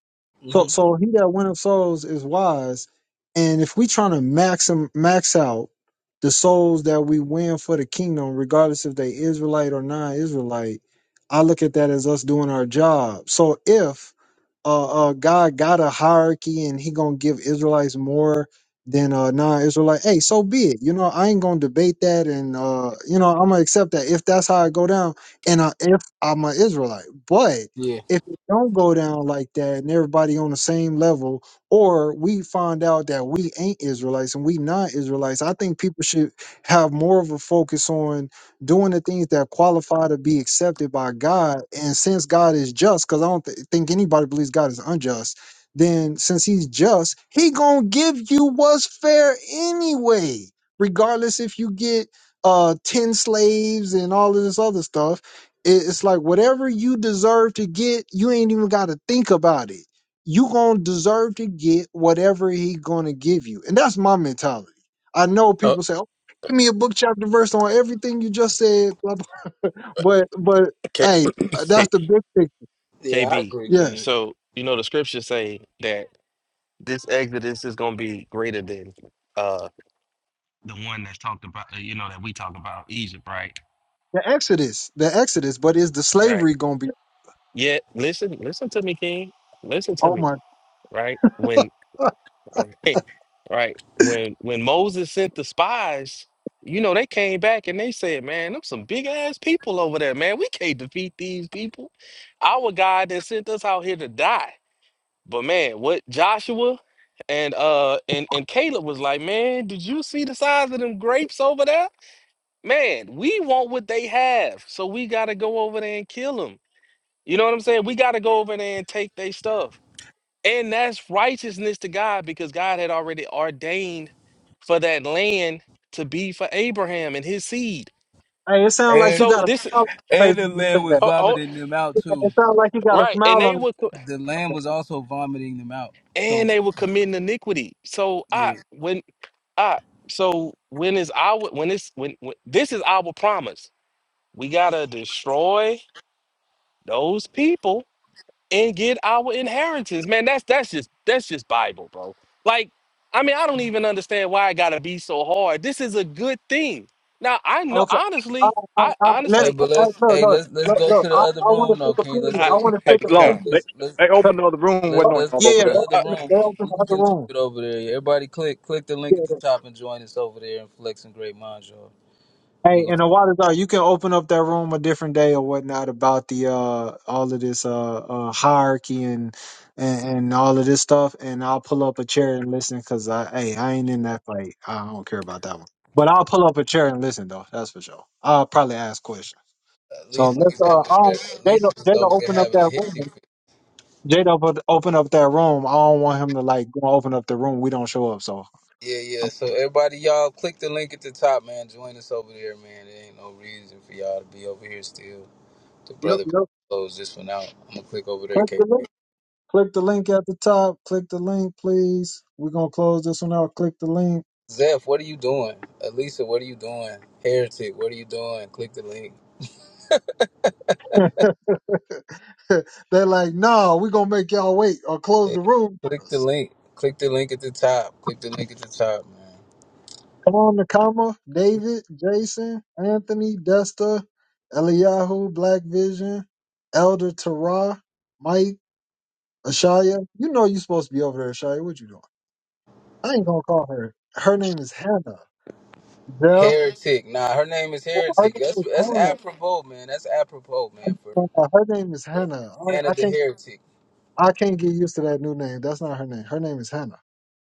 so hmm so he that winneth souls is wise. And if we trying to max 'em- max out the souls that we win for the kingdom, regardless if they Israelite or non-Israelite, I look at that as us doing our job. So if uh, uh God got a hierarchy and he gonna give Israelites more than uh non-Israelite, hey, so be it. You know, I ain't gonna debate that, and uh, you know, I'm gonna accept that if that's how I go down, and uh, if I'm an Israelite, but Yeah. if it don't go down like that and everybody on the same level or we find out that we ain't israelites and we not israelites i think people should have more of a focus on doing the things that qualify to be accepted by god and since god is just because i don't th- think anybody believes god is unjust then since he's just he gonna give you what's fair anyway regardless if you get uh 10 slaves and all of this other stuff it- It's like whatever you deserve to get, you ain't even got to think about it. You gonna deserve to get whatever he gonna give you, and that's my mentality. I know Uh, people say, oh, "Give me a book chapter verse on everything you just said," blah, blah. but but K- hey, uh, K- that's the big thing. Yeah, I KB. agree, Yeah, King. So, you know, the scriptures say that this Exodus is going to be greater than uh the one that's talked about, uh, you know, that we talk about Egypt, right? the Exodus, the Exodus, but is the Right. slavery gonna be? Yeah, listen, listen to me, King. Listen to Oh me, my! right? When. Okay, right. When when Moses sent the spies, you know, they came back and they said, Man, them some big ass people over there, man. We can't defeat these people. Our God that sent us out here to die. But man, what Joshua and uh and, and Caleb was like, Man, did you see the size of them grapes over there? Man, we want what they have. So we gotta go over there and kill them. You know what I'm saying? We gotta go over there and take their stuff. And that's righteousness to God because God had already ordained for that land to be for Abraham and his seed. Hey, it sounds like And you So got a this smile on your and face the when you say land was that. oh, oh vomiting them out It too. sounds like you got a right, and smile they on it. would co- The land was also vomiting them out. and So they would commit iniquity. So I yeah. when I so when is our when it's when, when this is our promise. We gotta destroy those people and get our inheritance. Man, that's that's just that's just Bible, bro. Like, I mean, I don't even understand why it gotta be so hard. This is a good thing. Now I know Okay. I, honestly, I, I I, let, Hey, honestly let, but hey, let's look, hey look, let's let's look, go look. to the I, I other want room to now, take a King. picture. Let's I, I go. want to Hey, take a Hey, Sloan, Bree, picture. God, they, let's let's they I, opened the other room. let's Wasn't on let's y'all go Yeah, over yeah, to there. they the other uh, open, room. they We can, open we the can other continue room. it over there. Everybody, click click the Yeah, link at the top and join us over there and flex and great minds, y'all. We are Hey, gonna. and a water dog, you can open up that room a different day or whatnot about the uh all of this uh, uh hierarchy and, and and all of this stuff, and I'll pull up a chair and listen because I hey I ain't in that fight. I don't care about that one, but I'll pull up a chair and listen though. That's for sure. I'll probably ask questions. Uh, So Lisa let's was uh, over I here. don't, Jada Lisa was Jada over here open up having a that room. hissy fit. Jada op- open up that room. I don't want him to like go open up the room. We don't show up, so. Yeah, yeah. I'm, So everybody, y'all, click the link at the top, man. Join us over there, man. There ain't no reason for y'all to be over here still. The yep, brother close this one out. I'm gonna click over there, KP. yep. Click the link at the top. Click the link, please. We're gonna close this one out. Click the link. Zeph, what are you doing? Elisa, what are you doing? Heretic, what are you doing? Click the link. They're like, no, we're gonna make y'all wait or close Yeah. the room for Click the us. link. Click the link at the top. Click the link at the top, man. Come on, Nakama, David, Jason, Anthony, Desta, Eliyahu, Black Vision, Elder Tara, Mike, Ashaya. You know you supposed to be over there, Ashaya. What you doing? I ain't gonna call her. Her name is Hannah. Jeff. Heretic. Nah, her name is Her Heretic. name That's is that's Hannah. apropos, man. That's apropos, man. For Her name is for Hannah. I, Hannah I the can't Heretic. I can't get used to that new name. That's not her name. Her name is Hannah.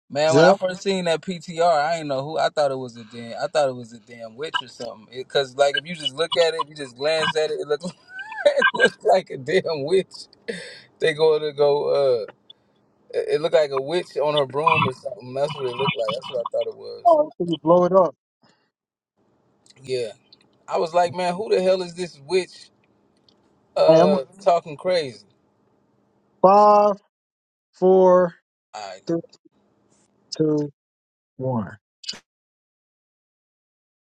Man, when I Zell. first seen that PTR, I ain't know who. I thought it was a damn. I thought it was a damn witch or something. It, Cause like if you just look at it, if you just glance at it, it looks it looks like a damn witch. They go to go. Uh, it, it looked like a witch on her broom or something. That's what it looked like. That's what I thought it was. Oh, can you blow it up? Yeah, I was like, man, who the hell is this witch? I am Uh, talking crazy. five, four, three, two, one.